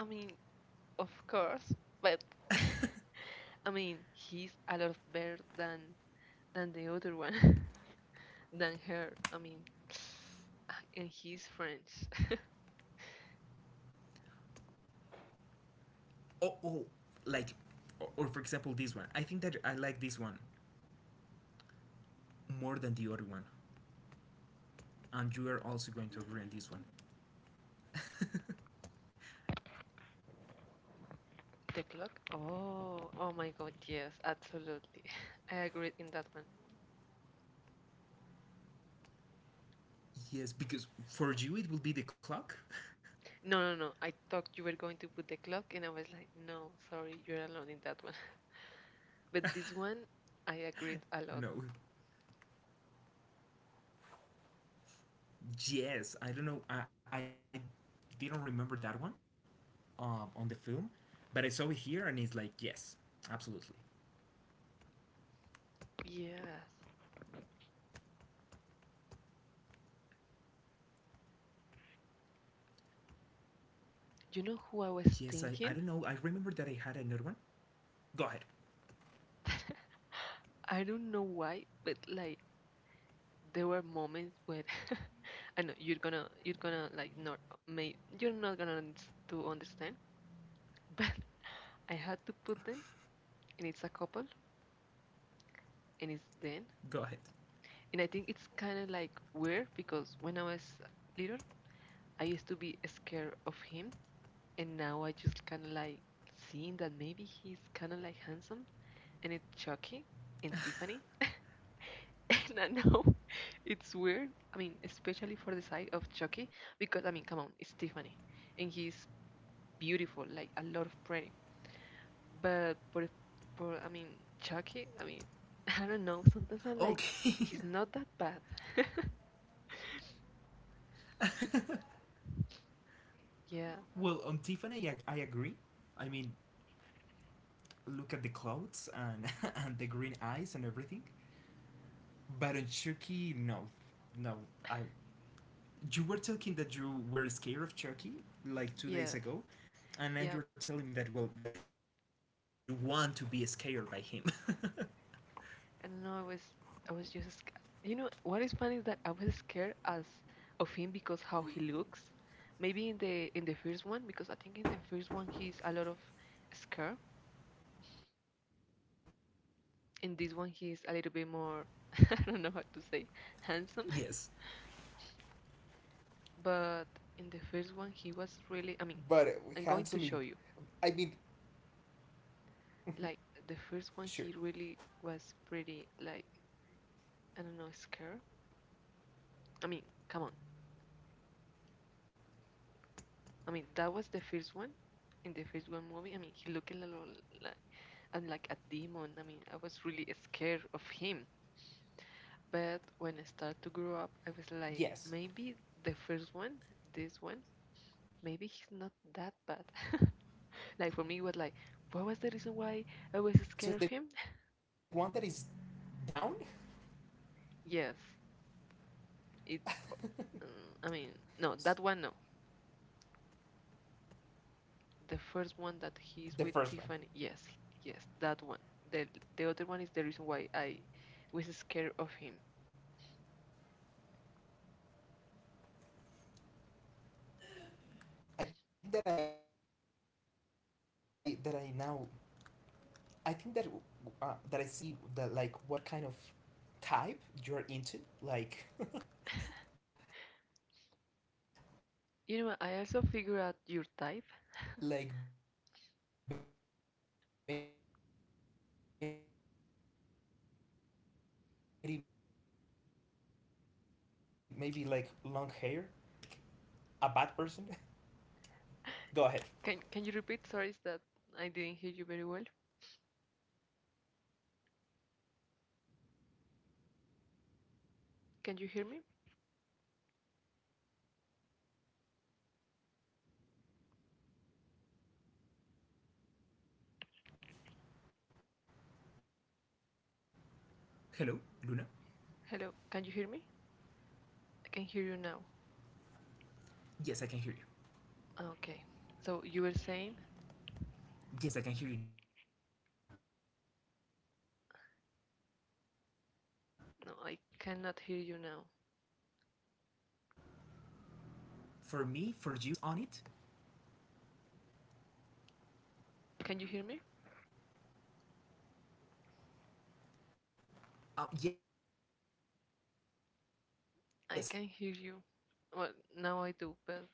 S1: I mean, of course, but <laughs> I mean, he's a lot better than the other one, <laughs> than her. I mean, <sighs> and he's French. <laughs> The clock? Oh, oh my God, yes, absolutely. <laughs> I agreed in that one. No, no, no. I thought you were going to put the clock, and I was like, no, sorry, you're alone in that one. But this one, I agreed a lot. Yes. You know who I was thinking? <laughs> I don't know why, but like there were moments where <laughs> I know you're gonna like not may you're not gonna to understand, <laughs> but I had to put them, and it's a couple, and it's them, and I think it's kind of like weird because when I was little, I used to be scared of him, and now I just kind of like seeing that maybe he's kind of like handsome and it's Chucky and Tiffany. <laughs> And I know <laughs> it's weird. I mean, especially for the side of Chucky, because I mean, come on, it's Tiffany, and he's beautiful, like a lot of pretty. But for I mean, Chucky, I mean, <laughs> I don't know. Sometimes I'm like, he's not that bad. <laughs> Yeah, yes, yeah. And no, I was just you know what is funny is that I was scared as of him because how he looks. Maybe in the first one because I think in the first one he's a lot of scared. In this one he's a little bit more. <laughs> I don't know how to say handsome. But in the first one he was really, I mean, I'm going to show you. Like the first one he really was pretty, like I don't know, scared. I mean, come on. I mean that was the first one in the first one movie. I mean, he looked a little, like, and like a demon. I mean, I was really scared of him. But when I started to grow up, I was like, maybe the first one, this one, maybe he's not that bad. <laughs> Like for me, it was like, what was the reason why I was scared of him? Yes, it's. Uh, I mean, no, that one no. The first one that he's with Tiffany, yes, yes, that one. The the other one is the reason why I was scared of him. You know, I also figured out your type. Can you repeat? Sorry, is that I didn't hear you very well. Can you hear me? Hello, can you hear me? I can hear you now. Ah, okay. So you were saying? No, I cannot hear you now. Can you hear me? I can hear you. Well, now I do, but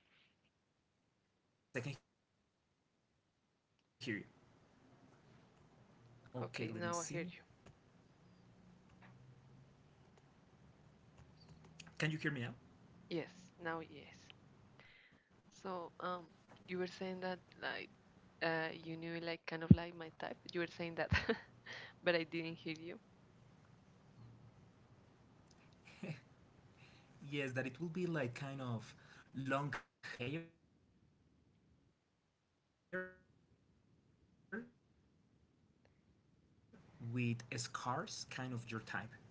S1: okay, now I hear you. Yes, now yes. So you were saying that like you knew like kind of like my type. You were saying that, <laughs> but I didn't hear you.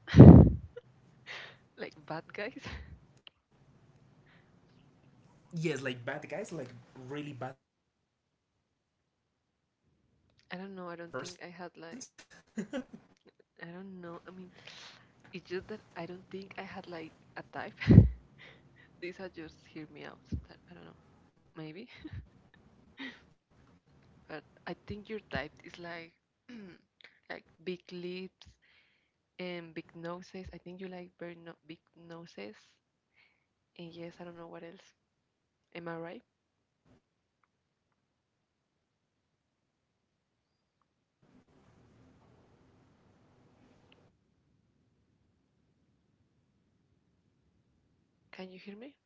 S1: <laughs> Like bad guys. <laughs> I don't know. I don't think I had like I don't know. I mean, it's just that I don't think I had like a type. <laughs> These are just hear me out. I don't know, maybe. <laughs> But I think your type is like <clears throat> like big lips and big noses. I think you like very no big noses. And yes, I don't know what else. Am I right? Can you hear me?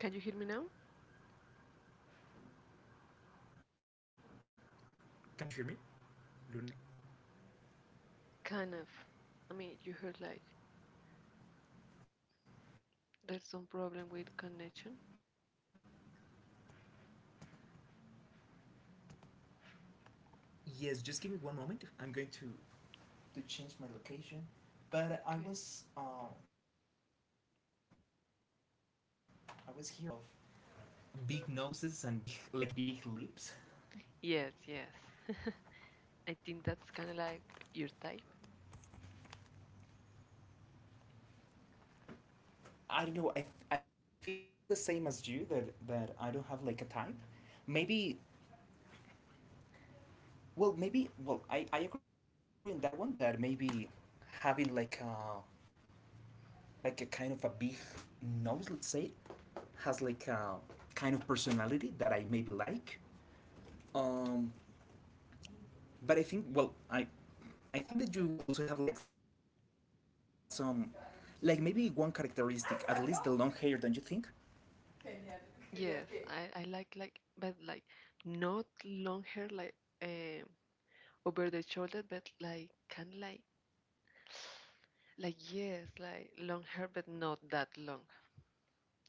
S1: Can you hear me now? Kind of. I mean, you heard like there's some problem with connection. Okay. Yes, yes. <laughs> I think that's kind of like your type. Yes, I like but like not long hair like um over the shoulder but like kind like <sighs> like yes like long hair but not that long.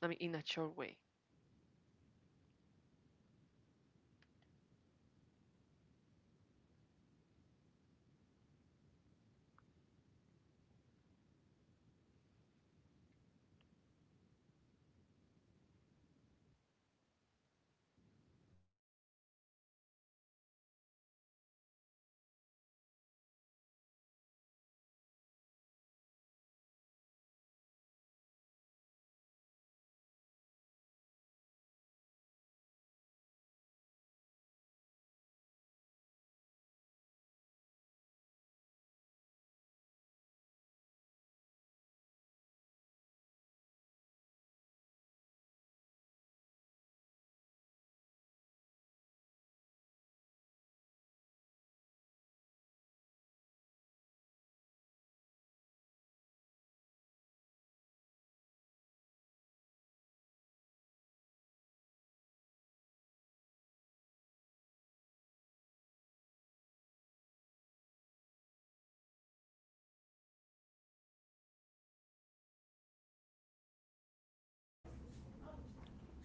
S1: I mean in a short way.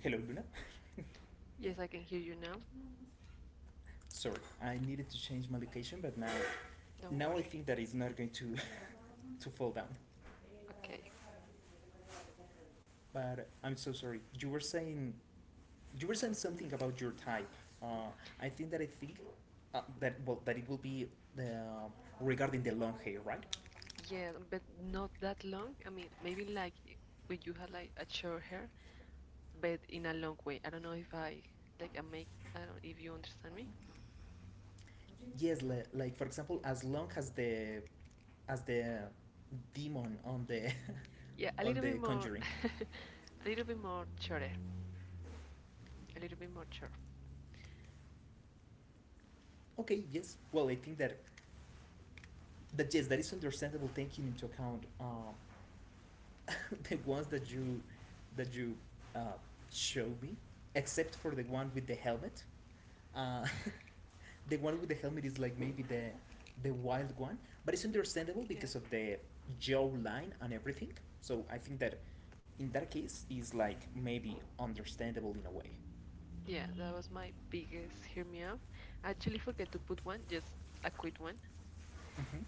S2: Hello, Luna.
S1: Yes, I can hear you now.
S2: Sorry, I needed to change my location, but now,
S1: Don't
S2: now
S1: worry.
S2: I think that it's not going to <laughs> to fall down.
S1: Okay.
S2: But I'm so sorry. You were saying something about your type. Uh, I think that I think that well that it will be the regarding the long hair, right?
S1: Yeah, but not that long. I mean maybe like when you had like a short hair but in a long way. I don't know if I like I make I don't if you understand me.
S2: Yes, like for example, as long as the demon on the
S1: Yeah,
S2: <laughs>
S1: a
S2: on
S1: little bit
S2: the
S1: more.
S2: Conjuring.
S1: <laughs> A little bit more shorter. A little bit more short.
S2: Okay, yes. Well, I think that that yes, that is understandable taking into account. <laughs> The ones that you uh, showed me, except for the one with the helmet. Uh, <laughs> the one with the helmet is like maybe the wild one, but it's understandable
S1: Yeah.
S2: because of the jaw line and everything. So I think that in that case is like maybe understandable in a way.
S1: Yeah, that was my biggest hear me out. I actually forget to put one, just a quick one,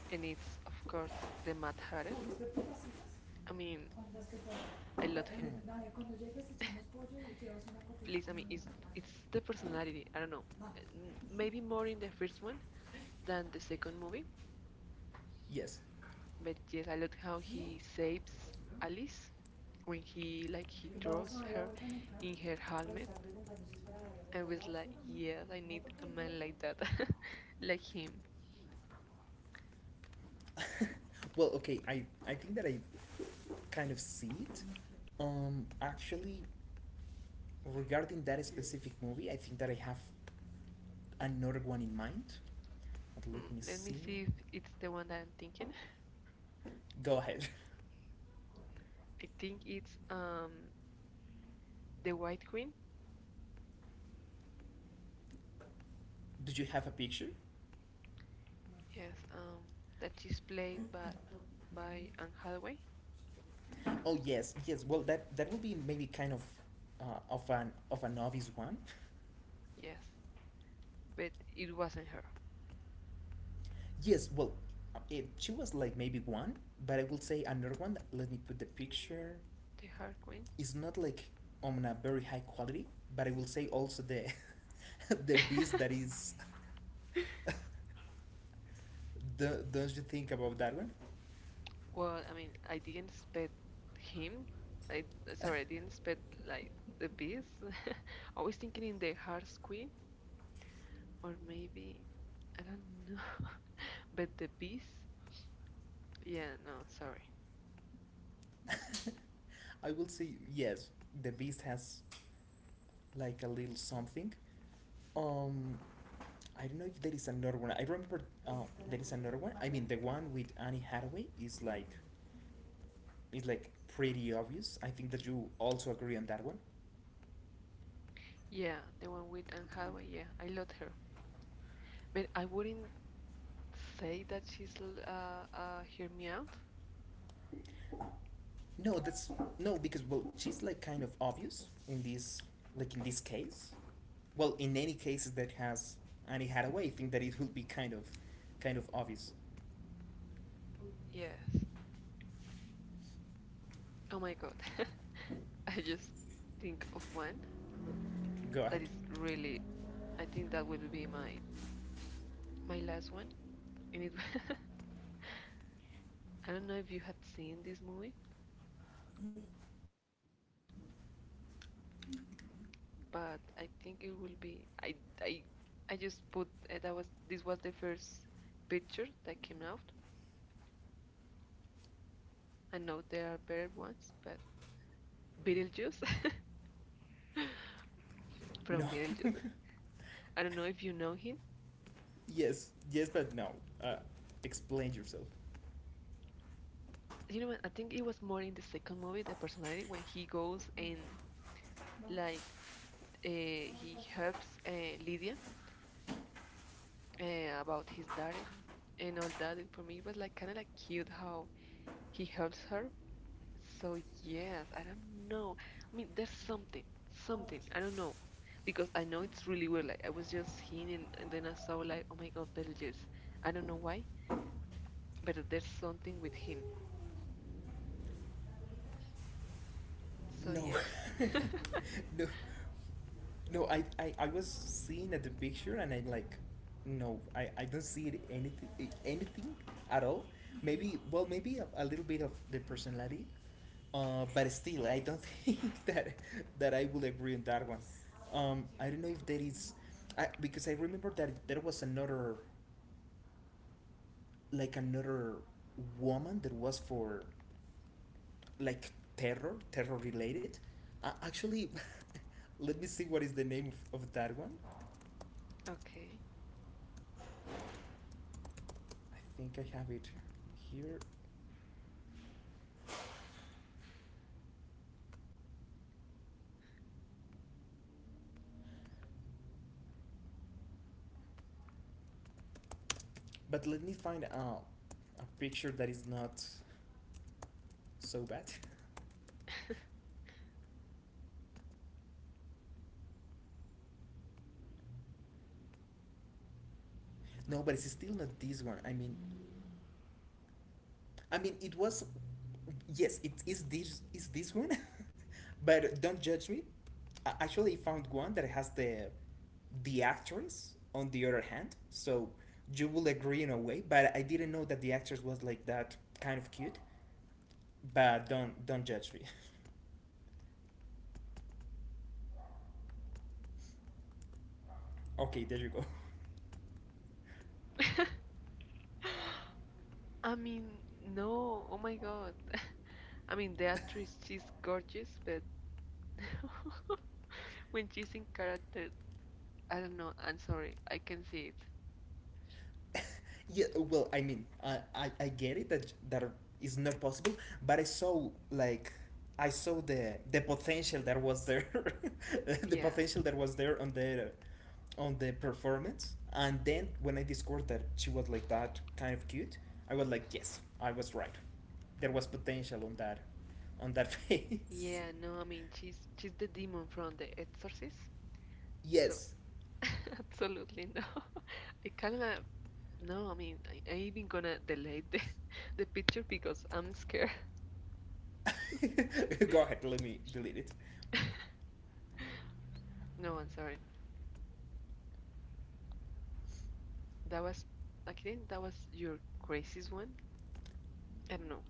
S1: and it's of course the Matt Hatter. I mean,
S2: But
S1: I love him.
S2: I
S1: Please, I mean, it's the personality. I don't know, maybe more in the first one than the second movie,
S2: yes.
S1: but yes, I love how he saves Alice when he like he draws her in her helmet. I was like, yes, I need a man like that, <laughs> like him.
S2: <laughs> Well, okay. I think that I kind of see it. Actually, regarding that specific movie, I think that I have another one in mind. But let
S1: Hmm,
S2: me
S1: let me
S2: see.
S1: see if it's the one that I'm thinking.
S2: Go ahead.
S1: I think it's the White Queen.
S2: <laughs> Do you have a picture?
S1: Yes, that is played by Anne Hathaway.
S2: Oh yes, yes. Well, that that will be maybe kind of an obvious one.
S1: Yes, but it wasn't her.
S2: <laughs> Yes. Well, it, she was like maybe one, but I will say another one. Let me put the picture.
S1: The Hard Queen.
S2: It's not like on a very high quality, but I will say also the <laughs> the beast that
S1: <laughs>
S2: is. <laughs> Don't you think about that one?
S1: Well, I mean, I didn't expect him. I sorry, I didn't expect like the Beast. <laughs> I was thinking in the Hard Queen or maybe I don't know. <laughs> But the Beast. Yeah, no, sorry.
S2: <laughs> I will say yes. The Beast has like a little something. Um, I don't know if there is another one. I remember uh, there is another one. I mean, the one with Annie Hathaway is like pretty obvious. I think that you also agree on that one.
S1: Yeah, the one with Anne Hathaway. Yeah, I loved her. But I wouldn't say that she's hear me out?
S2: No, that's no because well, she's like kind of obvious in this like in this case. Well, in any cases that has Annie Hathaway, I think that it will be kind of obvious.
S1: Yes. Oh my God. <laughs> I just think of one
S2: Go
S1: that is
S2: ahead.
S1: really. I think that will be my my last one. And it, <laughs> I don't know if you had seen this movie, but I think it will be. I I just put that was this was the first picture that came out. I know there are better ones, but Beetlejuice <laughs> from
S2: No.
S1: Beetlejuice.
S2: <laughs>
S1: I don't know if you know him,
S2: Yes, yes, but no. Uh, explain yourself.
S1: you know what? I think it was more in the second movie, the personality, when he goes and like he helps Lydia about his daughter and all that. And for me, it was like kind of like cute how he helps her. So yes, I don't know. I mean, there's something, something. I don't know because I know it's really weird. Like I was just seeing and then I saw like, oh my God, Beetlejuice. I don't know why, but there's something with him. So
S2: No,
S1: yeah,
S2: <laughs> no, no. I was seeing at the picture and I like, no, I don't see it anything, anything at all. Maybe, well, maybe a little bit of the personality, but still, I don't <laughs> think that that I will agree on that one. I don't know if there is, I because I remember that there was another, like another woman that was for like terror, terror related. Actually, <laughs> let me see what is the name of that one.
S1: okay.
S2: I think I have it here, but let me find out a picture that is not so bad. <laughs> No, but it's still not this one. I mean, it was. Yes, it is this. Is this one? <laughs> But don't judge me. I actually found one that has the actress on the other hand, so you will agree in a way. But I didn't know that the actress was like that kind of cute. But don't judge me. <laughs> Okay, there you go.
S1: <laughs> I mean, no. Oh my god. I mean, the actress, she's gorgeous, but <laughs> when she's in character, I don't know. I'm sorry. I can see it.
S2: <laughs> Yeah, well, I mean, I get it that that is not possible, but I saw like I saw the potential that was there, <laughs> the
S1: Yeah.
S2: potential that was there on the performance, and then when I discovered that she was like that kind of cute, I was like, yes, I was right. There was potential on that <laughs> face.
S1: Yeah, no. I mean, she's the demon from The Exorcist. So,
S2: Yes.
S1: <laughs> absolutely no. <laughs> I kind of no. I mean, I even gonna delay the <laughs> the picture because I'm scared.
S2: <laughs> Go ahead, let me delete it.
S1: <laughs> No, I'm sorry. That was, I think that was your craziest one. I don't know.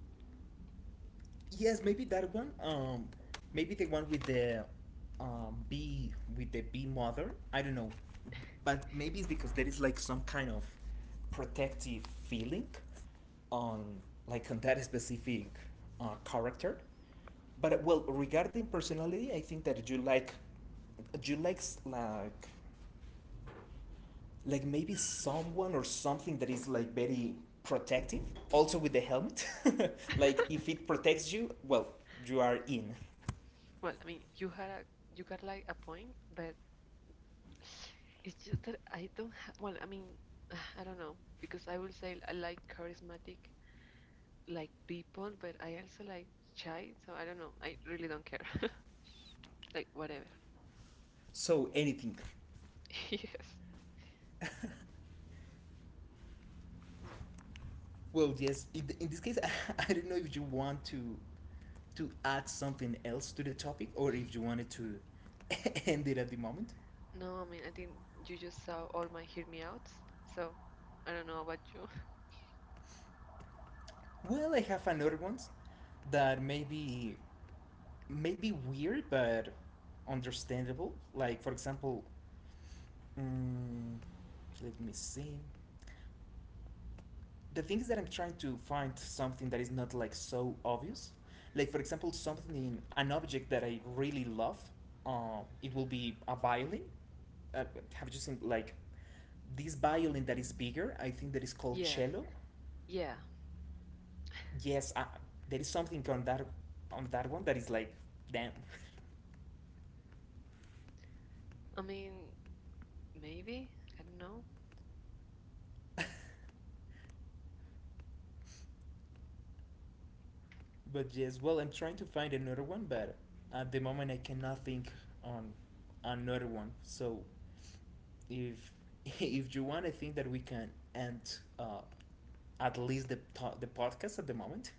S2: Yes, maybe that one. Maybe the one with the bee with the bee mother. I don't know, but maybe it's because there is like some kind of protective feeling on like on that specific character. But well, regarding personality, I think that you like like maybe someone or something that is like very protective. Also with the helmet, <laughs> like if it protects you, well, you are in.
S1: Well, I mean, you had a you got like a point, but it's just that I don't have. Well, I mean, <sighs> I don't know because I will say I like charismatic like people, but I also like shy. So I don't know. I really don't care. <laughs> Like whatever.
S2: So anything.
S1: <laughs> Yes.
S2: Well, yes. In this case, <laughs> I don't know if you want to add something else to the topic or if you wanted to <laughs> end it at the moment.
S1: No, I mean, I think you just saw all my hear me outs. So I don't know about you.
S2: Well, I have another one that may be weird but understandable. Like for example, mm, let me see. The thing is that I'm trying to find something that is not like so obvious. Like for example, something an object that I really love. It will be a violin uh, have you seen like this violin that is bigger? I think that is called
S1: <laughs> Yes.
S2: cello.
S1: Yeah.
S2: Yes, there is something on that one that is like damn.
S1: I mean, maybe. I don't know.
S2: But yes, well, I'm trying to find another one, but at the moment I cannot think on another one. So if <laughs> if you want, I think that we can end at least the the podcast at the moment.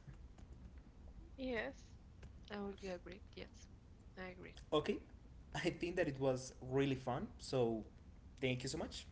S1: Yes. I would agree. Yes. I agree.
S2: Okay, I think that it was really fun. So thank you so much.